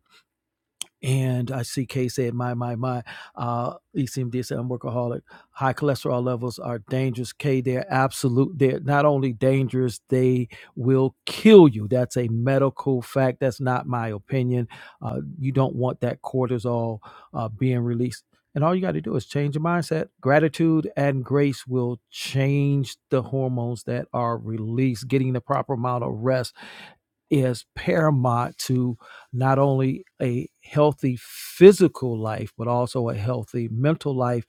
S1: and I see Kay said, my, my, my, uh, ECMD said, I'm workaholic. High cholesterol levels are dangerous. Kay, they're absolute. They're not only dangerous, they will kill you. That's a medical fact. That's not my opinion. Uh, you don't want that cortisol uh, being released. And all you got to do is change your mindset. Gratitude and grace will change the hormones that are released. Getting the proper amount of rest is paramount to not only a healthy physical life, but also a healthy mental life.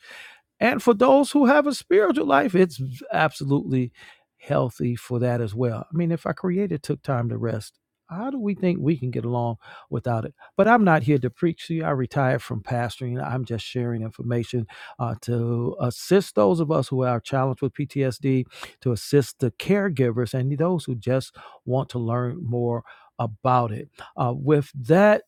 S1: And for those who have a spiritual life, it's absolutely healthy for that as well. I mean, if our creator took time to rest, how do we think we can get along without it? But I'm not here to preach to you. I retired from pastoring. I'm just sharing information uh, to assist those of us who are challenged with PTSD, to assist the caregivers and those who just want to learn more about it. Uh, with that,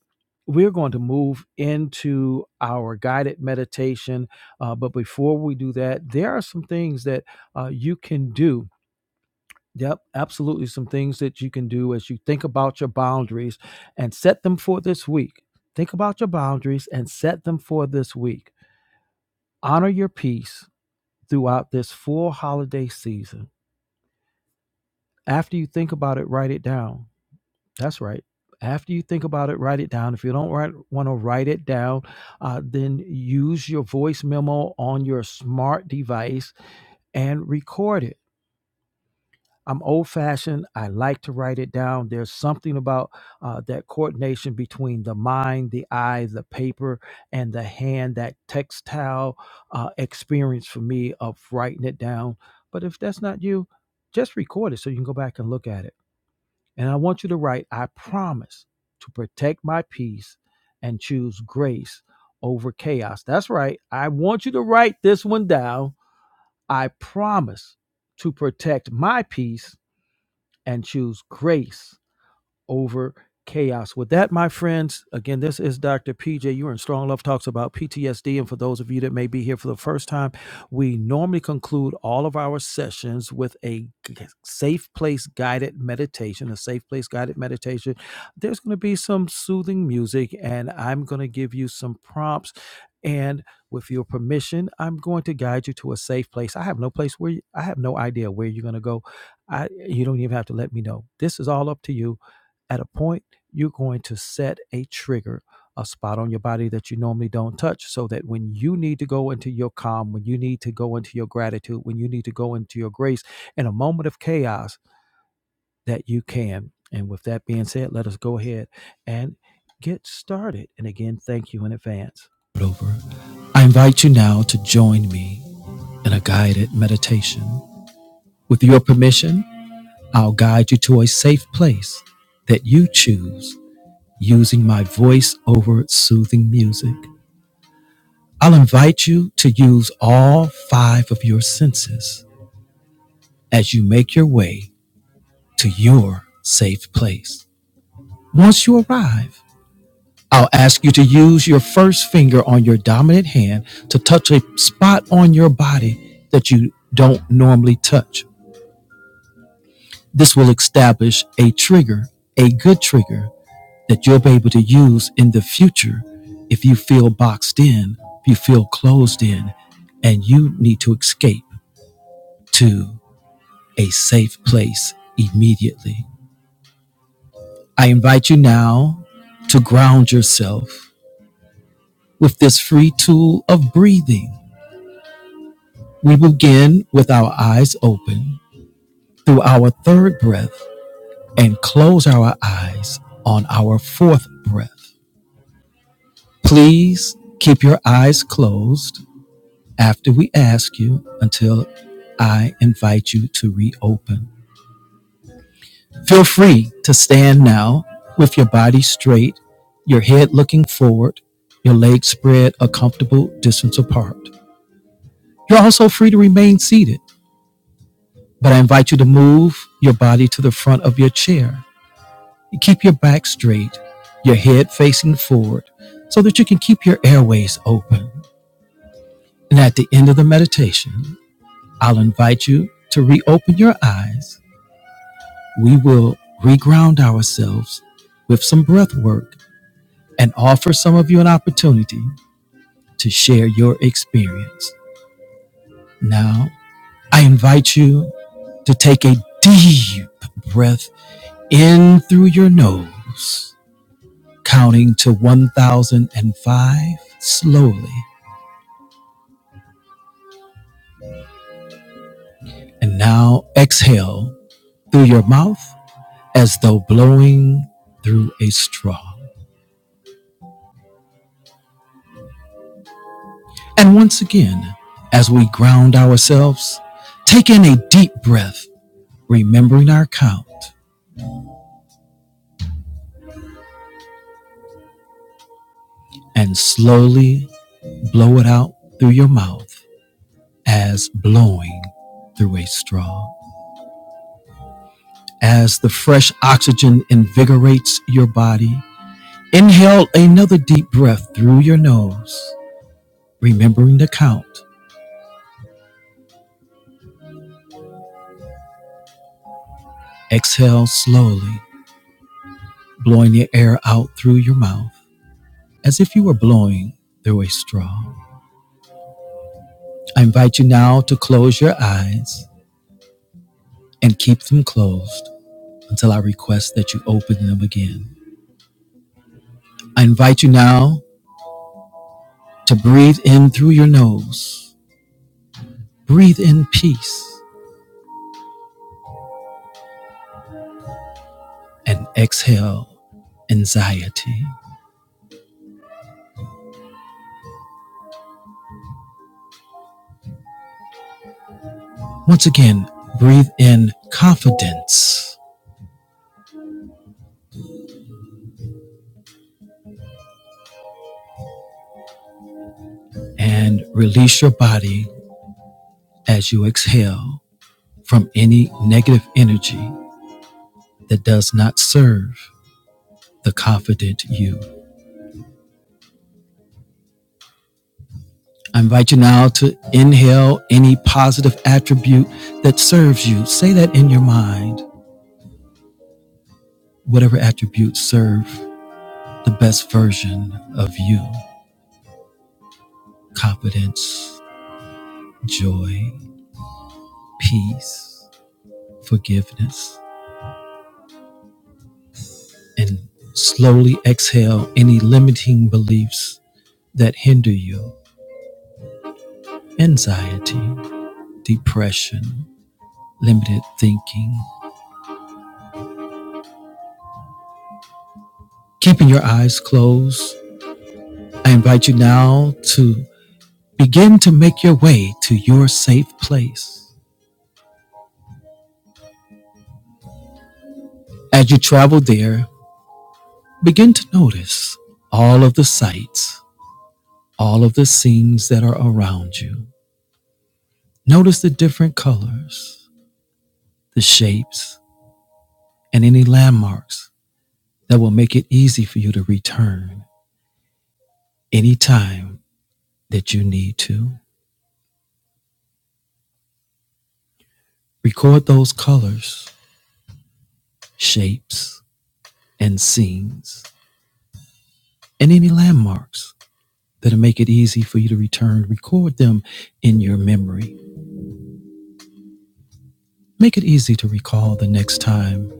S1: we're going to move into our guided meditation. Uh, but before we do that, there are some things that uh, you can do. Yep, absolutely. Some things that you can do as you think about your boundaries and set them for this week. Think about your boundaries and set them for this week. Honor your peace throughout this full holiday season. After you think about it, write it down. That's right. After you think about it, write it down. If you don't write, want to write it down, uh, then use your voice memo on your smart device and record it. I'm old fashioned. I like to write it down. There's something about uh, that coordination between the mind, the eye, the paper, and the hand, that textile uh, experience for me of writing it down. But if that's not you, just record it so you can go back and look at it. And I want you to write, I promise to protect my peace and choose grace over chaos. That's right. I want you to write this one down. I promise to protect my peace and choose grace over chaos. With that, my friends, again, this is Dr. PJ. You're in Strong Love Talks about PTSD. And for those of you that may be here for the first time, we normally conclude all of our sessions with a g- safe place guided meditation, a safe place guided meditation. There's going to be some soothing music, and I'm going to give you some prompts. And with your permission, I'm going to guide you to a safe place. I have no place where you, I have no idea where you're going to go. I, you don't even have to let me know. This is all up to you at a point, you're going to set a trigger, a spot on your body that you normally don't touch, so that when you need to go into your calm, when you need to go into your gratitude, when you need to go into your grace in a moment of chaos, that you can. And with that being said, let us go ahead and get started. And again, thank you in advance. Over. I invite you now to join me in a guided meditation. With your permission, I'll guide you to a safe place that you choose using my voice over soothing music. I'll invite you to use all five of your senses as you make your way to your safe place. Once you arrive, I'll ask you to use your first finger on your dominant hand to touch a spot on your body that you don't normally touch. This will establish a trigger, a good trigger that you'll be able to use in the future if you feel boxed in, if you feel closed in, and you need to escape to a safe place immediately. I invite you now to ground yourself with this free tool of breathing. We begin with our eyes open through our third breath and close our eyes on our fourth breath. Please keep your eyes closed after we ask you until I invite you to reopen. Feel free to stand now with your body straight, your head looking forward, your legs spread a comfortable distance apart. You're also free to remain seated, but I invite you to move your body to the front of your chair. Keep your back straight, your head facing forward, so that you can keep your airways open. And at the end of the meditation, I'll invite you to reopen your eyes we will reground ourselves with some breath work and offer some of you an opportunity to share your experience. Now, I invite you to take a deep breath in through your nose, counting to 1005 slowly, and now exhale through your mouth as though blowing through a straw. And once again, as we ground ourselves, take in a deep breath, remembering our count, and slowly blow it out through your mouth as blowing through a straw. As the fresh oxygen invigorates your body, inhale another deep breath through your nose, remembering the count. Exhale slowly, blowing the air out through your mouth as if you were blowing through a straw. I invite you now to close your eyes and keep them closed until I request that you open them again. I invite you now to breathe in through your nose, breathe in peace, and exhale anxiety. Once again, breathe in confidence and release your body as you exhale from any negative energy that does not serve the confident you. I invite you now to inhale any positive attribute that serves you. Say that in your mind. Whatever attributes serve the best version of you confidence, joy, peace, forgiveness, and slowly exhale any limiting beliefs that hinder you anxiety, depression, limited thinking. Keeping your eyes closed, I invite you now to Begin to make your way to your safe place. As you travel there, begin to notice all of the sights, all of the scenes that are around you. Notice the different colors, the shapes, and any landmarks that will make it easy for you to return anytime that you need to. Record those colors, shapes, and scenes, and any landmarks that'll make it easy for you to return. Record them in your memory Make it easy to recall the next time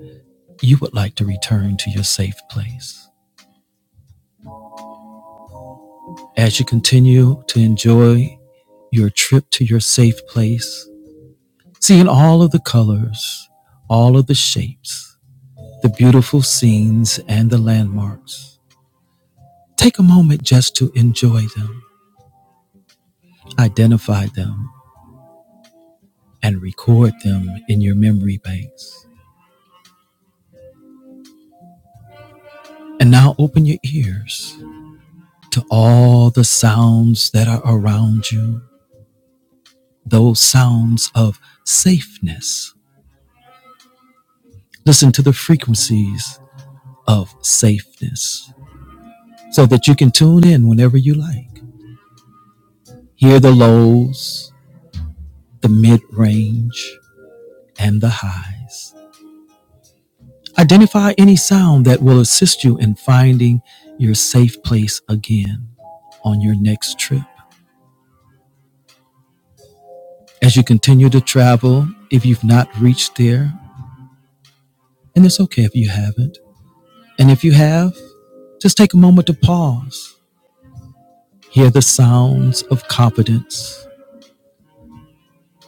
S1: you would like to return to your safe place. As you continue to enjoy your trip to your safe place, seeing all of the colors, all of the shapes, the beautiful scenes, and the landmarks, take a moment just to enjoy them, identify them, and record them in your memory banks. And now open your ears to all the sounds that are around you those sounds of safeness. Listen to the frequencies of safeness so that you can tune in whenever you like. Hear the lows, the mid range, and the highs. Identify any sound that will assist you in finding your safe place again on your next trip. As you continue to travel, if you've not reached there, and it's okay if you haven't, and if you have, just take a moment to pause Hear the sounds of confidence,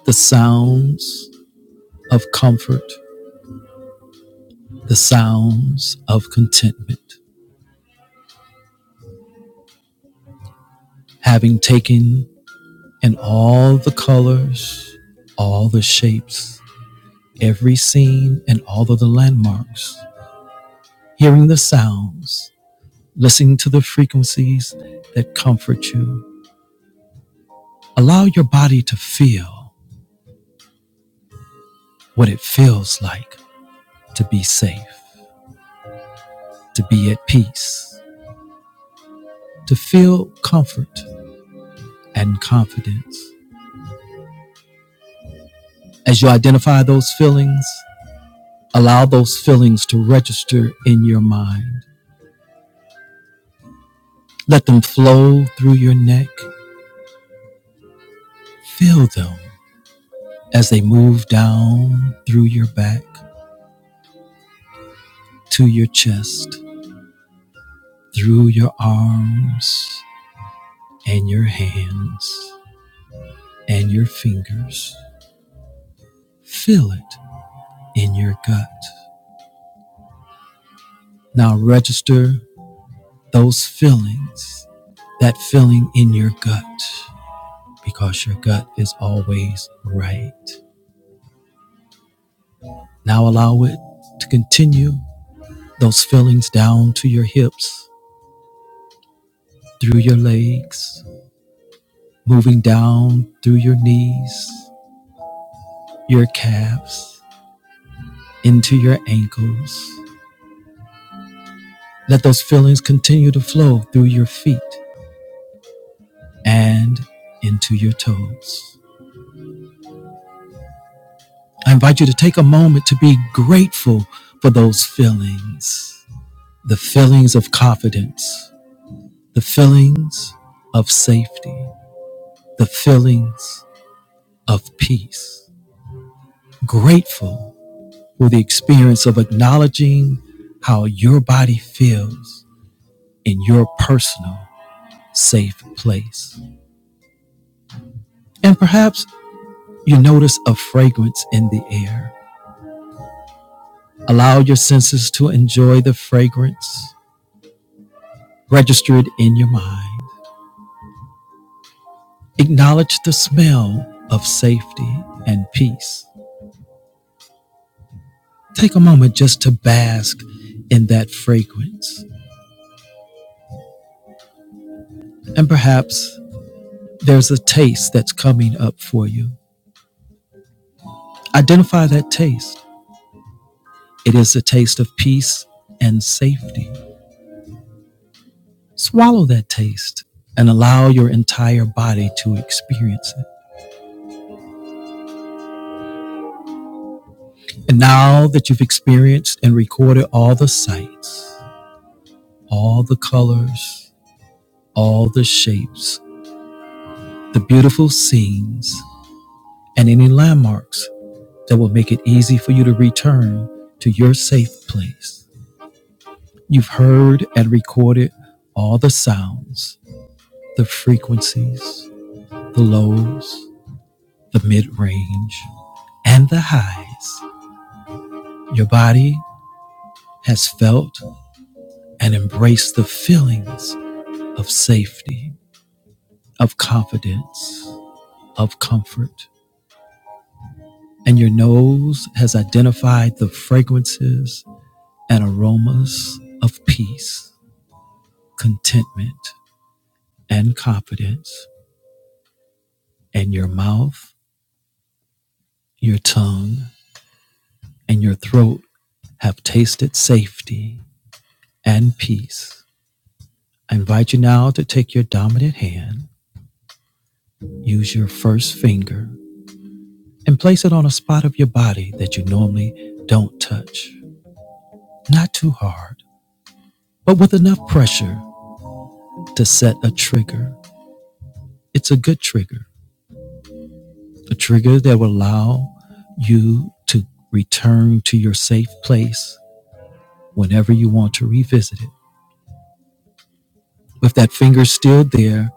S1: the sounds of comfort, the sounds of contentment. Having taken in all the colors, all the shapes, every scene, and all of the landmarks, hearing the sounds, listening to the frequencies that comfort you, allow your body to feel what it feels like to be safe, to be at peace, to feel comfort and confidence. As you identify those feelings, allow those feelings to register in your mind. Let them flow through your neck. Feel them as they move down through your back to your chest, through your arms and your hands and your fingers. Feel it in your gut. Now register those feelings, that feeling in your gut. because your gut is always right. Now allow it to continue those feelings down to your hips, through your legs, moving down through your knees, your calves, into your ankles. Let those feelings continue to flow through your feet and into your toes. I invite you to take a moment to be grateful for those feelings the feelings of confidence, the feelings of safety, the feelings of peace. Grateful for the experience of acknowledging how your body feels in your personal safe place. And perhaps you notice a fragrance in the air. Allow your senses to enjoy the fragrance register it in your mind. Acknowledge the smell of safety and peace. Take a moment just to bask in that fragrance. And perhaps there's a taste that's coming up for you. Identify that taste. It is the taste of peace and safety. Swallow that taste and allow your entire body to experience it. And now that you've experienced and recorded all the sights, all the colors, all the shapes, the beautiful scenes, and any landmarks, that will make it easy for you to return to your safe place. You've heard and recorded all the sounds, the frequencies, the lows, the mid range, and the highs. Your body has felt and embraced the feelings of safety, of confidence, of comfort. And your nose has identified the fragrances and aromas of peace, contentment, and confidence, and your mouth, your tongue, and your throat have tasted safety and peace. I invite you now to take your dominant hand, use your first finger, and place it on a spot of your body that you normally don't touch. Not too hard, but with enough pressure to set a trigger. It's a good trigger, a trigger that will allow you to return to your safe place whenever you want to revisit it. With that finger still there,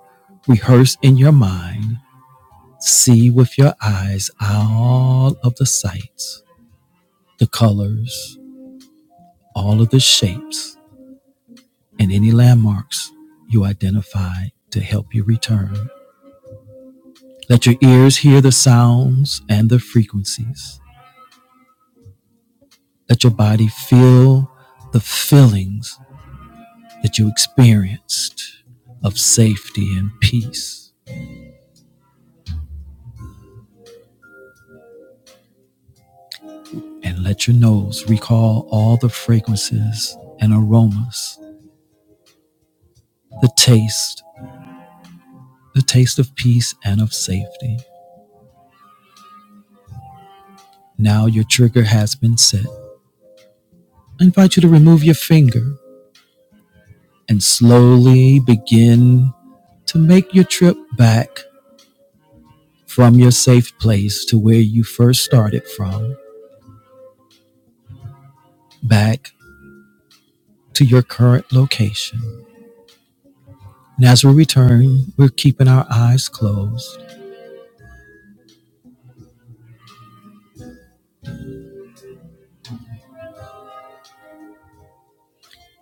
S1: rehearse in your mind, see with your eyes all of the sights, the colors, all of the shapes, and any landmarks you identify to help you return. Let your ears hear the sounds and the frequencies. Let your body feel the feelings that you experienced of safety and peace and let your nose recall all the fragrances and aromas, the taste, the taste of peace and of safety. Now your trigger has been set. I invite you to remove your finger and slowly begin to make your trip back from your safe place to where you first started from, back to your current location. And as we return, we're keeping our eyes closed,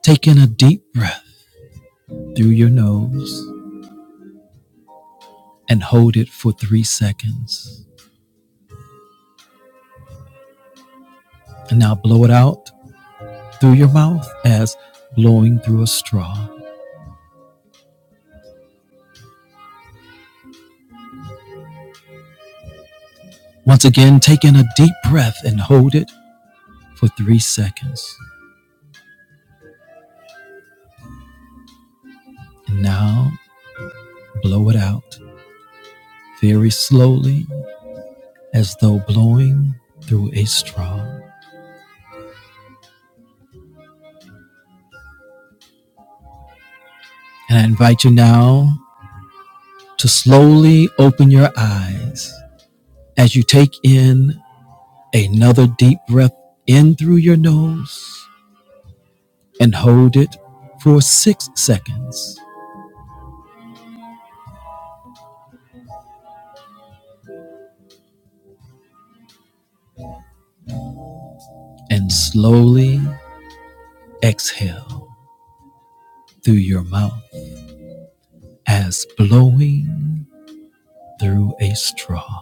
S1: taking a deep breath through your nose and hold it for three seconds. And now blow it out through your mouth as blowing through a straw. Once again, take in a deep breath and hold it for three seconds. And now blow it out very slowly as though blowing through a straw. And I invite you now to slowly open your eyes as you take in another deep breath in through your nose and hold it for six seconds. and slowly exhale through your mouth as blowing through a straw.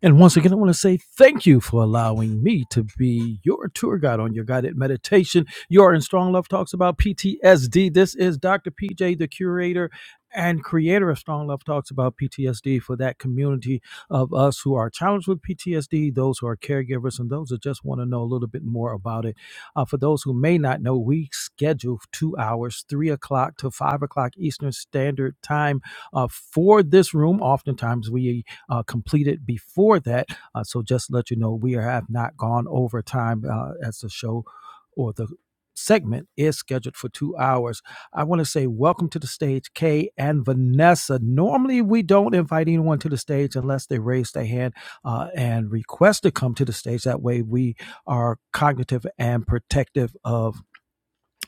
S1: And once again, I want to say thank you for allowing me to be your tour guide on your guided meditation. You are In Strong Love Talks about PTSD. This is Dr. PJ, the curator and creator of Strong Love Talks about PTSD for that community of us who are challenged with PTSD, those who are caregivers, and those that just want to know a little bit more about it. Uh, for those who may not know, we schedule two hours, three o'clock to five o'clock Eastern Standard Time uh, for this room. Oftentimes, we uh, completed before that. Uh, so just to let you know, we have not gone over time uh, as the show or the segment is scheduled for two hours. I want to say welcome to the stage, Kay and Vanessa. Normally, we don't invite anyone to the stage unless they raise their hand uh, and request to come to the stage. That way, we are cognitive and protective of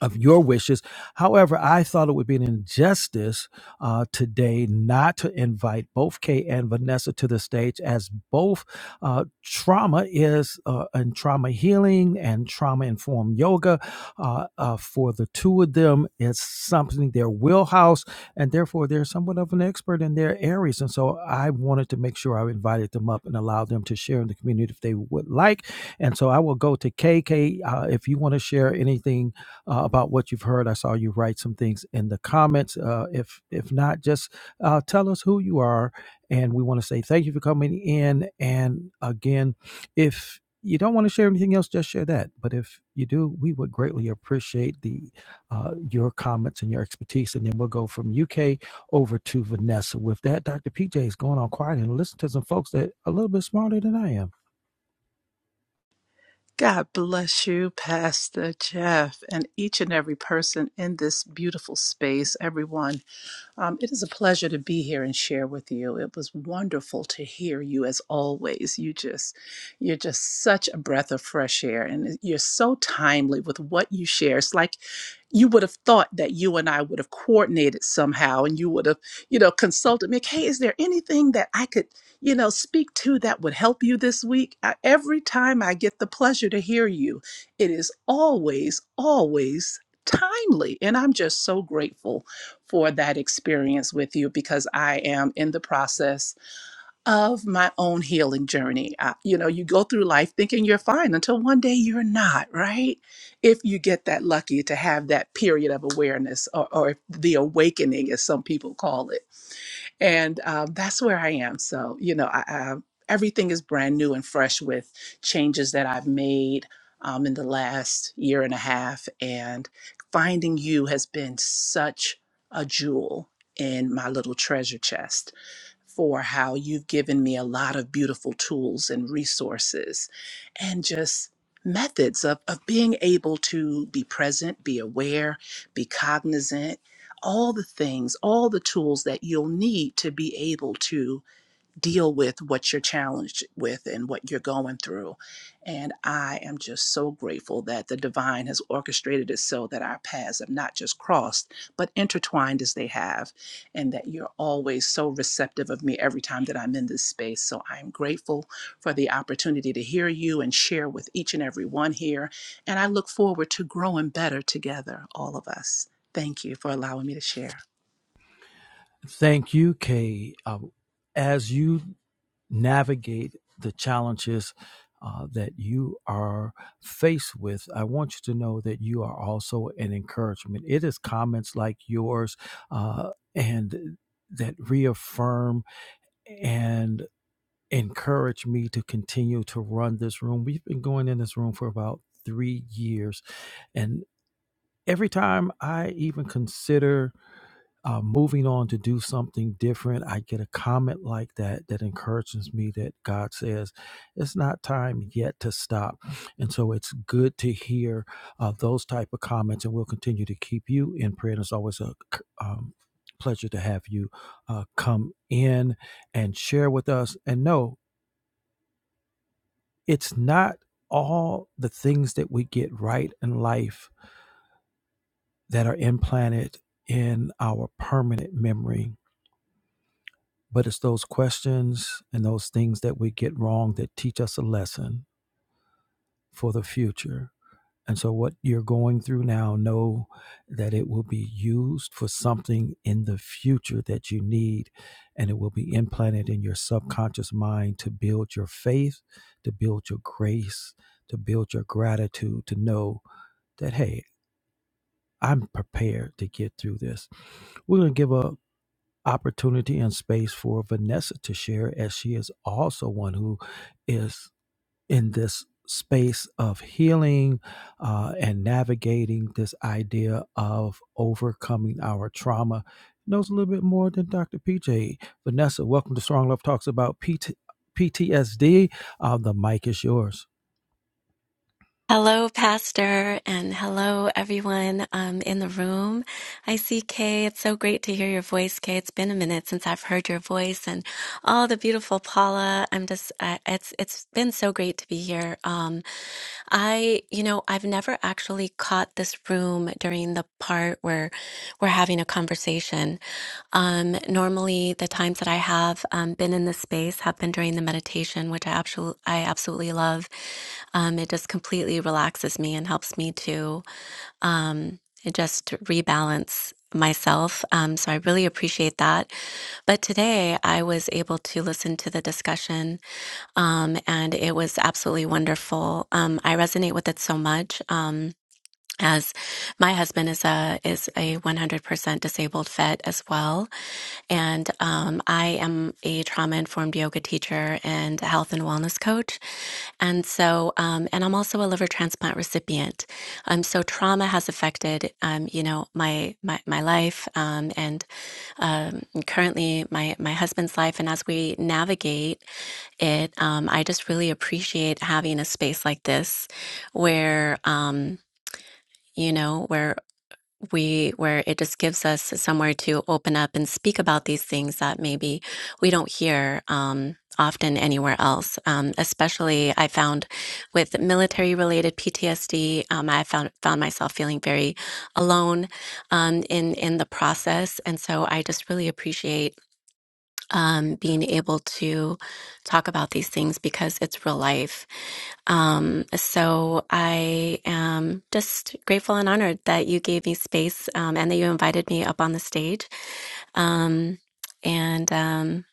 S1: of your wishes. However, I thought it would be an injustice uh, today not to invite both Kay and Vanessa to the stage, as both uh, trauma is uh, and trauma healing and trauma informed yoga uh, uh, for the two of them is something their wheelhouse, and therefore they're somewhat of an expert in their areas. And so I wanted to make sure I invited them up and allowed them to share in the community if they would like. And so I will go to KK uh, if you want to share anything uh, about what you've heard. I saw you write some things in the comments. Uh, if if not, just uh, tell us who you are, and we want to say thank you for coming in. And again, if you don't want to share anything else, just share that. But if you do, we would greatly appreciate the uh, your comments and your expertise. And then we'll go from UK over to Vanessa. With that, Dr. PJ is going on quiet and listen to some folks that are a little bit smarter than I am.
S6: God bless you, Pastor Jeff, and each and every person in this beautiful space, everyone. Um, it is a pleasure to be here and share with you. It was wonderful to hear you as always. You just, you're just such a breath of fresh air, and you're so timely with what you share. It's like you would have thought that you and I would have coordinated somehow, and you would have, you know, consulted me. Like, hey, is there anything that I could? you know, speak to that would help you this week. I, every time I get the pleasure to hear you, it is always, always timely. And I'm just so grateful for that experience with you because I am in the process of my own healing journey. I, you know, you go through life thinking you're fine until one day you're not, right? If you get that lucky to have that period of awareness or, or the awakening, as some people call it and um, that's where I am. So you know, I, I, everything is brand new and fresh with changes that I've made um, in the last year and a half. And finding you has been such a jewel in my little treasure chest for how you've given me a lot of beautiful tools and resources and just methods of, of being able to be present, be aware, be cognizant, all the things, all the tools that you'll need to be able to deal with what you're challenged with and what you're going through. And I am just so grateful that the divine has orchestrated it so that our paths have not just crossed, but intertwined as they have, and that you're always so receptive of me every time that I'm in this space. So I'm grateful for the opportunity to hear you and share with each and every one here. And I look forward to growing better together, all of us. Thank you for allowing me to share.
S1: Thank you, Kay. Um, as you navigate the challenges uh, that you are faced with, I want you to know that you are also an encouragement. It is comments like yours uh, and that reaffirm and encourage me to continue to run this room. We've been going in this room for about three years, and every time I even consider uh, moving on to do something different, I get a comment like that that encourages me that God says it's not time yet to stop, and so it's good to hear uh, those type of comments, and we'll continue to keep you in prayer. And it's always a c- um, pleasure to have you uh, come in and share with us. And no, it's not all the things that we get right in life that are implanted in our permanent memory. But it's those questions and those things that we get wrong that teach us a lesson for the future. And so, what you're going through now, know that it will be used for something in the future that you need, and it will be implanted in your subconscious mind to build your faith, to build your grace, to build your gratitude, to know that, hey, I'm prepared to get through this. We're going to give up opportunity and space for Vanessa to share, as she is also one who is in this space of healing uh, and navigating this idea of overcoming our trauma. Knows a little bit more than Dr. PJ. Vanessa, welcome to Strong Love Talks about PTSD. Uh, the mic is yours.
S7: Hello, Pastor, and hello, everyone um, in the room. I see Kay. It's so great to hear your voice, Kay. It's been a minute since I've heard your voice, and all the beautiful Paula. I'm just, uh, it's it's been so great to be here. Um, I, you know, I've never actually caught this room during the part where we're having a conversation. Um, normally, the times that I have um, been in this space have been during the meditation, which I absolutely, I absolutely love. Um, it just completely relaxes me and helps me to um, just rebalance myself. Um, so I really appreciate that. But today, I was able to listen to the discussion, um, and it was absolutely wonderful. Um, I resonate with it so much. Um, as my husband is a is a 100% disabled vet as well and um, i am a trauma informed yoga teacher and health and wellness coach and so um, and i'm also a liver transplant recipient um, so trauma has affected um, you know my my, my life um, and um, currently my my husband's life and as we navigate it um, i just really appreciate having a space like this where um, you know, where we where it just gives us somewhere to open up and speak about these things that maybe we don't hear um, often anywhere else um, especially i found with military related ptsd um, i found found myself feeling very alone um, in in the process and so i just really appreciate um, being able to talk about these things because it's real life. Um, so I am just grateful and honored that you gave me space um, and that you invited me up on the stage. Um, and um,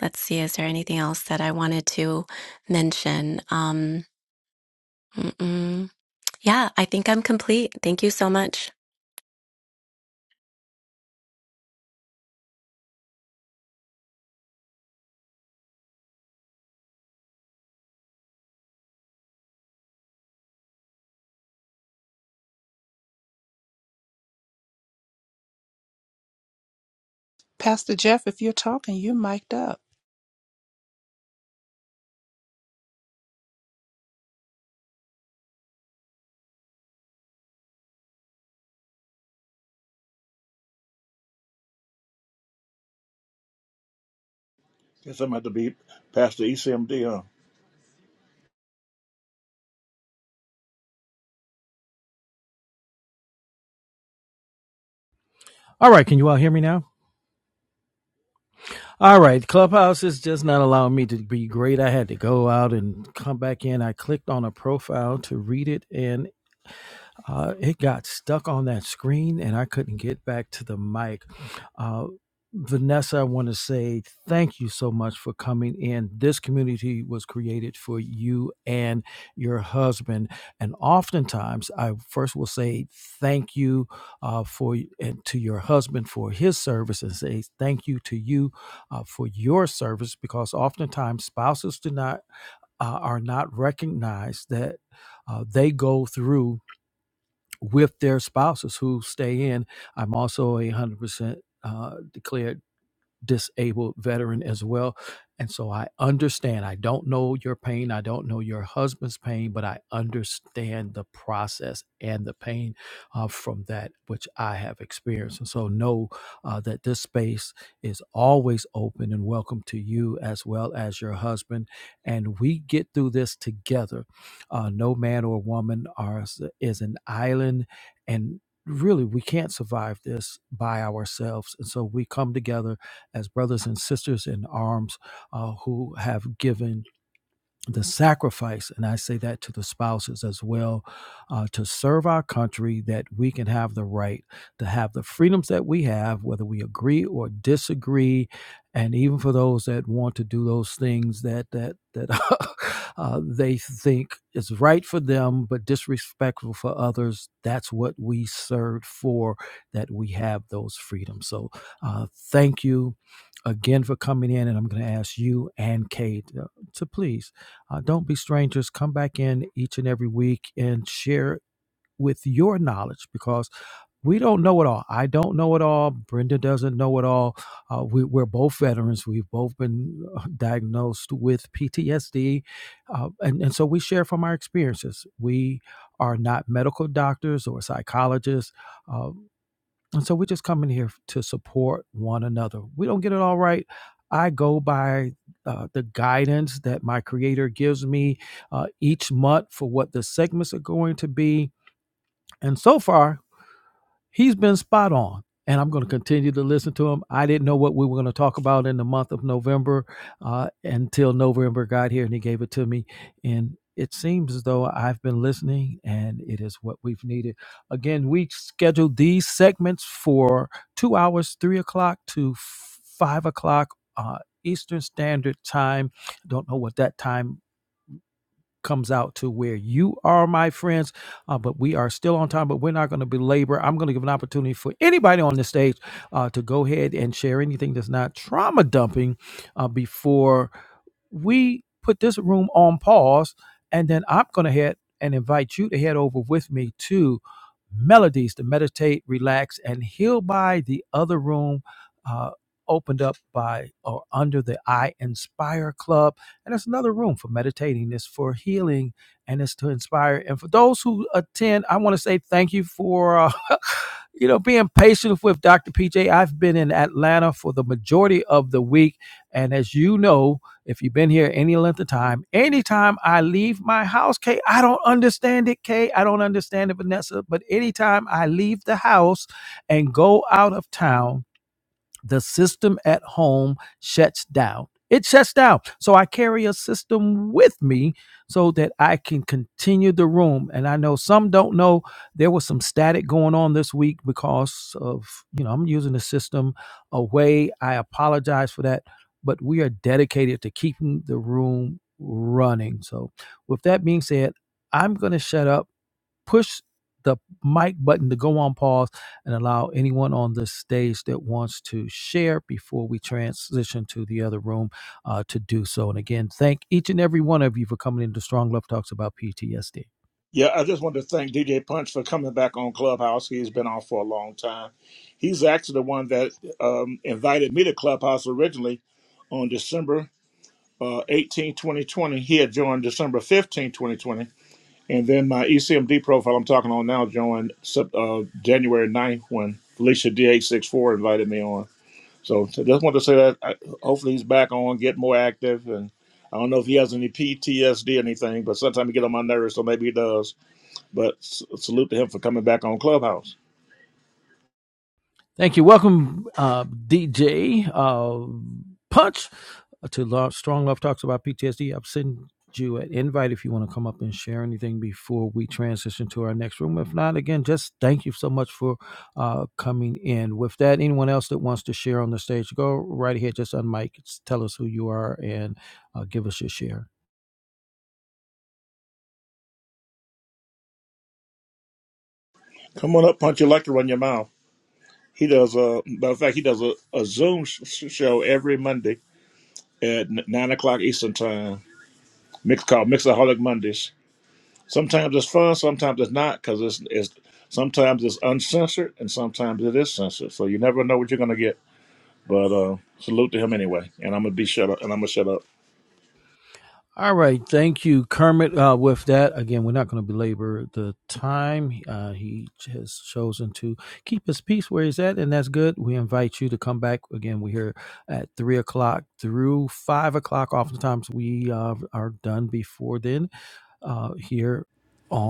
S7: let's see, is there anything else that I wanted to mention? Um, mm-mm. yeah, I think I'm complete. Thank you so much.
S6: Pastor Jeff, if you're talking, you're mic'd up.
S3: guess I'm about to be past the ECMD, huh?
S1: All right, can you all hear me now? All right, Clubhouse is just not allowing me to be great. I had to go out and come back in. I clicked on a profile to read it, and Uh, it got stuck on that screen and I couldn't get back to the mic. Uh, Vanessa, I want to say thank you so much for coming in. This community was created for you and your husband. And oftentimes, I first will say thank you uh, for and to your husband for his service and say thank you to you uh, for your service because oftentimes spouses do not uh, are not recognized that uh, they go through with their spouses who stay in. I'm also a 100% uh, declared disabled veteran as well. And so I understand. I don't know your pain. I don't know your husband's pain, but I understand the process and the pain uh, from that which I have experienced. And so know uh, that this space is always open and welcome to you as well as your husband. And we get through this together. Uh, no man or woman are, is an island. And really, we can't survive this by ourselves. And so we come together as brothers and sisters in arms uh, who have given the sacrifice, and I say that to the spouses as well, uh, to serve our country that we can have the right to have the freedoms that we have, whether we agree or disagree. And even for those that want to do those things that that that (laughs) uh, they think is right for them, but disrespectful for others, that's what we served for. That we have those freedoms. So, uh, thank you again for coming in, and I'm going to ask you and Kate uh, to please uh, don't be strangers. Come back in each and every week and share with your knowledge because we don't know it all. I don't know it all. Brenda doesn't know it all. Uh, we, we're both veterans. We've both been uh, diagnosed with PTSD. Uh, and, and so we share from our experiences. We are not medical doctors or psychologists. Uh, and so we just come in here to support one another. We don't get it all right. I go by uh, the guidance that my creator gives me uh, each month for what the segments are going to be. And so far, he's been spot on and i'm going to continue to listen to him i didn't know what we were going to talk about in the month of november uh, until november got here and he gave it to me and it seems as though i've been listening and it is what we've needed again we scheduled these segments for two hours three o'clock to five o'clock uh, eastern standard time I don't know what that time comes out to where you are, my friends. Uh, but we are still on time, but we're not going to belabor. I'm going to give an opportunity for anybody on the stage uh, to go ahead and share anything that's not trauma dumping uh, before we put this room on pause. And then I'm going to head and invite you to head over with me to Melodies to meditate, relax, and heal by the other room. Uh, opened up by or under the I Inspire Club and it's another room for meditating, it's for healing, and it's to inspire. And for those who attend, I want to say thank you for, uh, (laughs) you know, being patient with Dr. P. have been in Atlanta for the majority of the week. And as you know, if you've been here any length of time, anytime I leave my house, Kay, I don't understand it, Kay. I don't understand it, Vanessa. But anytime I leave the house and go out of town, the system at home shuts down. It shuts down. So I carry a system with me so that I can continue the room. And I know some don't know there was some static going on this week because of, you know, I'm using the system away. I apologize for that, but we are dedicated to keeping the room running. So with that being said, I'm going to shut up push the mic button to go on pause and allow anyone on the stage that wants to share before we transition to the other room uh, to do so. And again, thank each and every one of you for coming into Strong Love Talks about PTSD.
S3: Yeah, I just want to thank DJ Punch for coming back on Clubhouse. He's been on for a long time. He's actually the one that um, invited me to Clubhouse originally on December uh, 18, 2020. He had joined December fifteenth, 2020. And then my ECMD profile I'm talking on now joined Sep- uh, January ninth when Felicia D eight six four invited me on. So I just want to say that I, hopefully he's back on, get more active. And I don't know if he has any PTSD or anything, but sometimes he get on my nerves, so maybe he does. But s- salute to him for coming back on Clubhouse.
S1: Thank you. Welcome, uh, DJ uh, Punch, to Lo- Strong Love Talks about PTSD. I've sent you an invite if you want to come up and share anything before we transition to our next room. If not, again, just thank you so much for uh, coming in. With that, anyone else that wants to share on the stage, go right ahead, just unmic, tell us who you are, and uh, give us your share.
S3: Come on up, punch your lecture in your mouth. He does a matter of fact, he does a, a Zoom sh- sh- show every Monday at n- nine o'clock Eastern time. Mix called Mixaholic Mondays. Sometimes it's fun, sometimes it's not, because it's, it's sometimes it's uncensored and sometimes it is censored. So you never know what you're gonna get. But uh, salute to him anyway. And I'm gonna be shut up. And I'm gonna shut up.
S1: All right, thank you, Kermit. Uh, with that, again, we're not going to belabor the time. Uh, he has chosen to keep his peace where he's at, and that's good. We invite you to come back again. We're here at three o'clock through five o'clock. Oftentimes, we uh, are done before then. Uh, here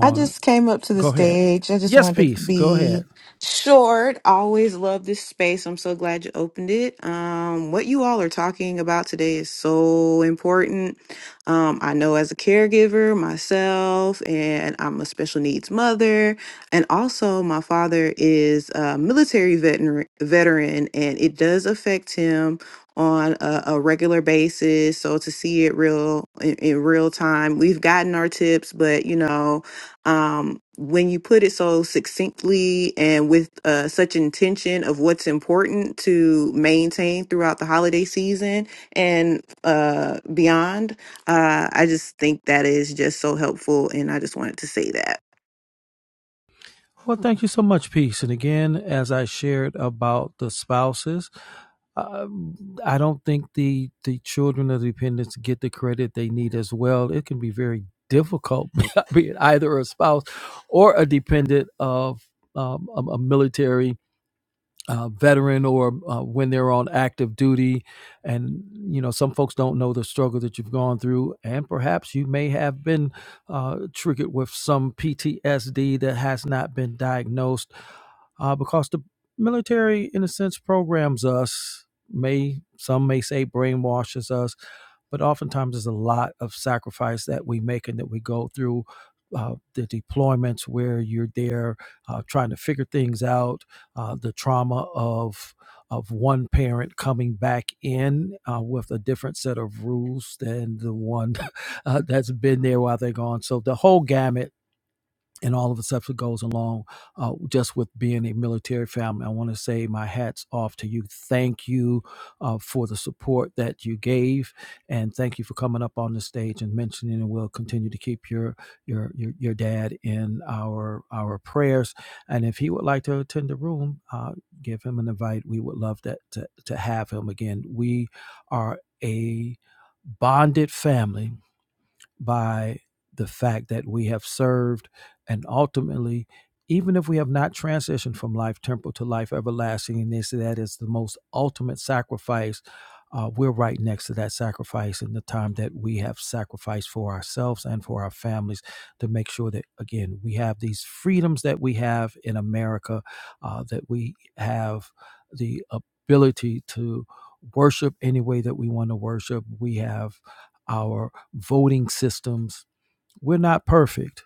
S8: I just came up to the
S1: go ahead.
S8: stage. I just
S1: Yes,
S8: wanted to
S1: peace. Go ahead.
S8: be short. I always love this space. I'm so glad you opened it. Um, what you all are talking about today is so important. Um, I know as a caregiver myself, and I'm a special needs mother, and also my father is a military veteran, veteran, and it does affect him on a, a regular basis. So to see it real in, in real time, we've gotten our tips, but you know um, when you put it so succinctly and with uh, such intention of what's important to maintain throughout the holiday season and uh, beyond, uh, I just think that is just so helpful. And I just wanted to say that.
S1: Well, thank you so much, Peace. And again, as I shared about the spouses, uh, I don't think the the children of the dependents get the credit they need as well. It can be very difficult (laughs) being either a spouse or a dependent of um, a, a military uh, veteran or uh, when they're on active duty. And, you know, some folks don't know the struggle that you've gone through. And perhaps you may have been uh, triggered with some PTSD that has not been diagnosed uh, because the military, in a sense, programs us. May some may say brainwashes us, but oftentimes there's a lot of sacrifice that we make and that we go through. Uh, the deployments where you're there uh, trying to figure things out, uh, the trauma of of one parent coming back in uh, with a different set of rules than the one (laughs) uh, that's been there while they're gone. So the whole gamut and all of the stuff that goes along uh, just with being a military family. I want to say my hats off to you. Thank you uh, for the support that you gave, and thank you for coming up on the stage and mentioning. And we'll continue to keep your your your, your dad in our our prayers. And if he would like to attend the room, uh, give him an invite. We would love that to, to have him again. We are a bonded family by the fact that we have served and ultimately even if we have not transitioned from life temporal to life everlasting and this that is the most ultimate sacrifice uh, we're right next to that sacrifice in the time that we have sacrificed for ourselves and for our families to make sure that again we have these freedoms that we have in america uh, that we have the ability to worship any way that we want to worship we have our voting systems. We're not perfect,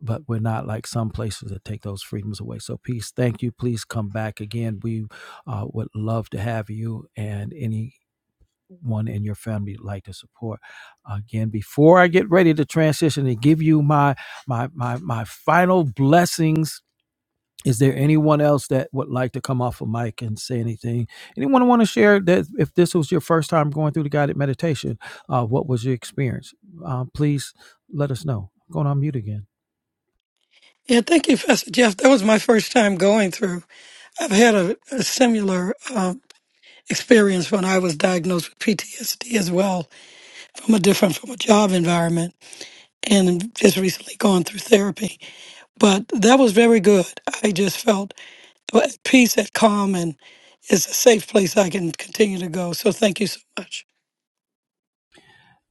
S1: but we're not like some places that take those freedoms away. So, peace. Thank you. Please come back again. We uh, would love to have you and anyone in your family you'd like to support again before i get ready to transition and give you my my my, my final blessings is there anyone else that would like to come off a mic and say anything? Anyone want to share that if this was your first time going through the guided meditation, uh, what was your experience? Uh, please let us know. I'm going on mute again.
S5: Yeah, thank you, Pastor Jeff. That was my first time going through. I've had a, a similar um, experience when I was diagnosed with PTSD as well, from a different, from a job environment, and just recently gone through therapy. But that was very good. I just felt at peace, at calm, and it's a safe place I can continue to go. So thank you so much.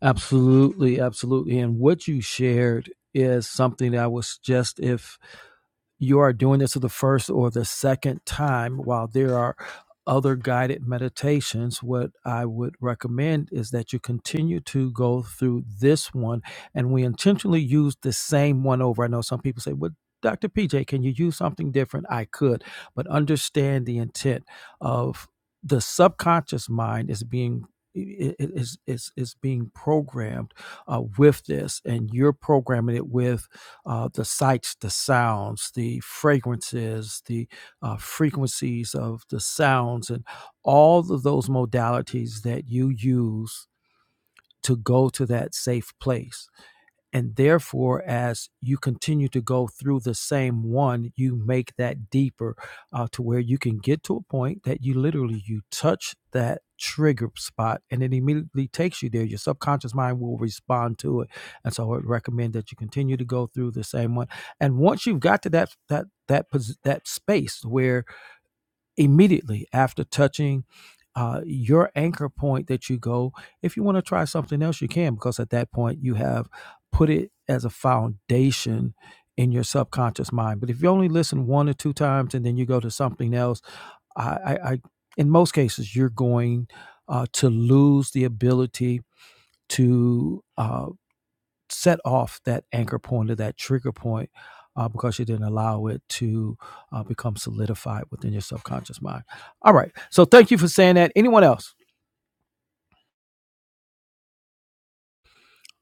S1: Absolutely, absolutely. And what you shared is something that I would suggest if you are doing this for the first or the second time, while there are other guided meditations, what I would recommend is that you continue to go through this one and we intentionally use the same one over. I know some people say, Well, Dr. PJ, can you use something different? I could, but understand the intent of the subconscious mind is being i- i- is is is being programmed uh, with this, and you're programming it with uh, the sights, the sounds, the fragrances, the uh, frequencies of the sounds, and all of those modalities that you use to go to that safe place and therefore, as you continue to go through the same one, you make that deeper uh, to where you can get to a point that you literally you touch that trigger spot and it immediately takes you there. Your subconscious mind will respond to it. And so I would recommend that you continue to go through the same one. And once you've got to that that that that space where immediately after touching uh, your anchor point that you go. If you want to try something else, you can, because at that point you have put it as a foundation in your subconscious mind. But if you only listen one or two times and then you go to something else, I, I, I in most cases, you're going uh, to lose the ability to. uh, set off that anchor point or that trigger point uh, because you didn't allow it to uh, become solidified within your subconscious mind. All right. So thank you for saying that. Anyone else?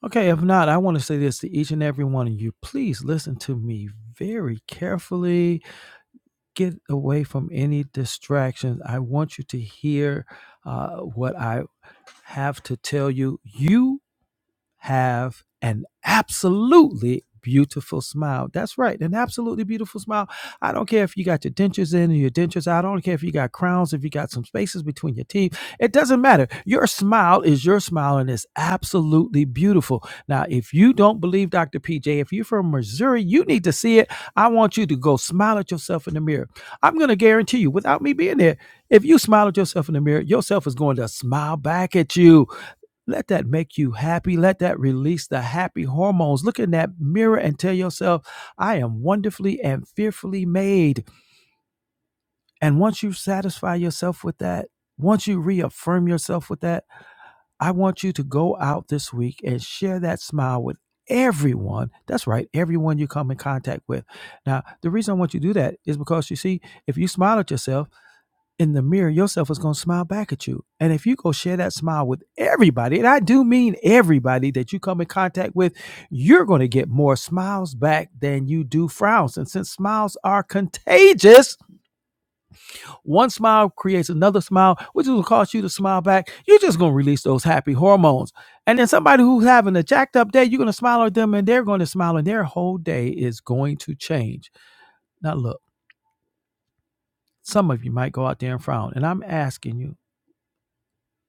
S1: Okay. If not, I want to say this to each and every one of you. Please listen to me very carefully. Get away from any distractions. I want you to hear uh, what I have to tell you. You have an absolutely beautiful smile. That's right, an absolutely beautiful smile. I don't care if you got your dentures in or your dentures out. I don't care if you got crowns, if you got some spaces between your teeth. It doesn't matter. Your smile is your smile and it's absolutely beautiful. Now, if you don't believe Dr. PJ, if you're from Missouri, you need to see it. I want you to go smile at yourself in the mirror. I'm going to guarantee you, without me being there, if you smile at yourself in the mirror, yourself is going to smile back at you. Let that make you happy. Let that release the happy hormones. Look in that mirror and tell yourself, I am wonderfully and fearfully made. And once you satisfy yourself with that, once you reaffirm yourself with that, I want you to go out this week and share that smile with everyone. That's right, everyone you come in contact with. Now, the reason I want you to do that is because you see, if you smile at yourself, in the mirror, yourself is going to smile back at you. And if you go share that smile with everybody, and I do mean everybody that you come in contact with, you're going to get more smiles back than you do frowns. And since smiles are contagious, one smile creates another smile, which will cause you to smile back. You're just going to release those happy hormones. And then somebody who's having a jacked up day, you're going to smile at them and they're going to smile and their whole day is going to change. Now, look, some of you might go out there and frown, and I'm asking you,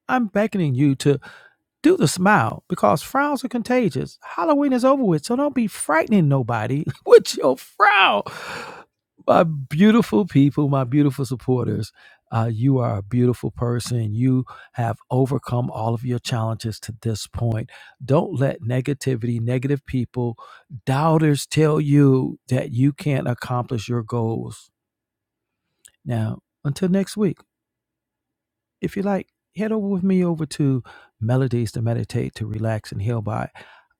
S1: I'm beckoning you to do the smile because frowns are contagious. Halloween is over with, so don't be frightening nobody (laughs) with your frown. My beautiful people, my beautiful supporters, uh, you are a beautiful person. You have overcome all of your challenges to this point. Don't let negativity, negative people, doubters tell you that you can't accomplish your goals. Now, until next week. If you like, head over with me over to Melodies to Meditate to Relax and Heal by.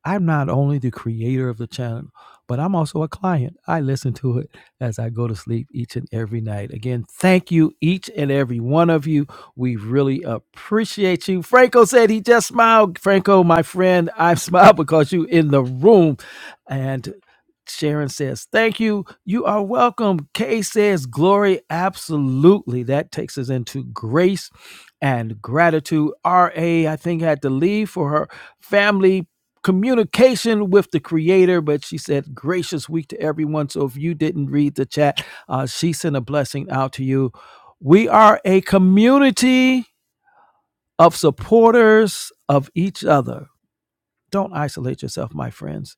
S1: I'm not only the creator of the channel, but I'm also a client. I listen to it as I go to sleep each and every night. Again, thank you, each and every one of you. We really appreciate you. Franco said he just smiled. Franco, my friend, I (laughs) smiled because you in the room. And Sharon says, Thank you. You are welcome. Kay says, Glory. Absolutely. That takes us into grace and gratitude. RA, I think, had to leave for her family communication with the creator, but she said, Gracious week to everyone. So if you didn't read the chat, uh, she sent a blessing out to you. We are a community of supporters of each other. Don't isolate yourself, my friends.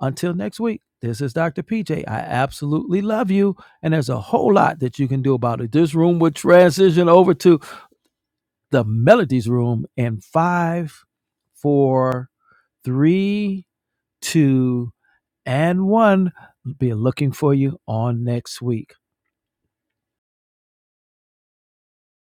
S1: Until next week, this is Dr. PJ. I absolutely love you. And there's a whole lot that you can do about it. This room would transition over to the Melodies Room in five, four, three, two, and one. We'll Be looking for you on next week.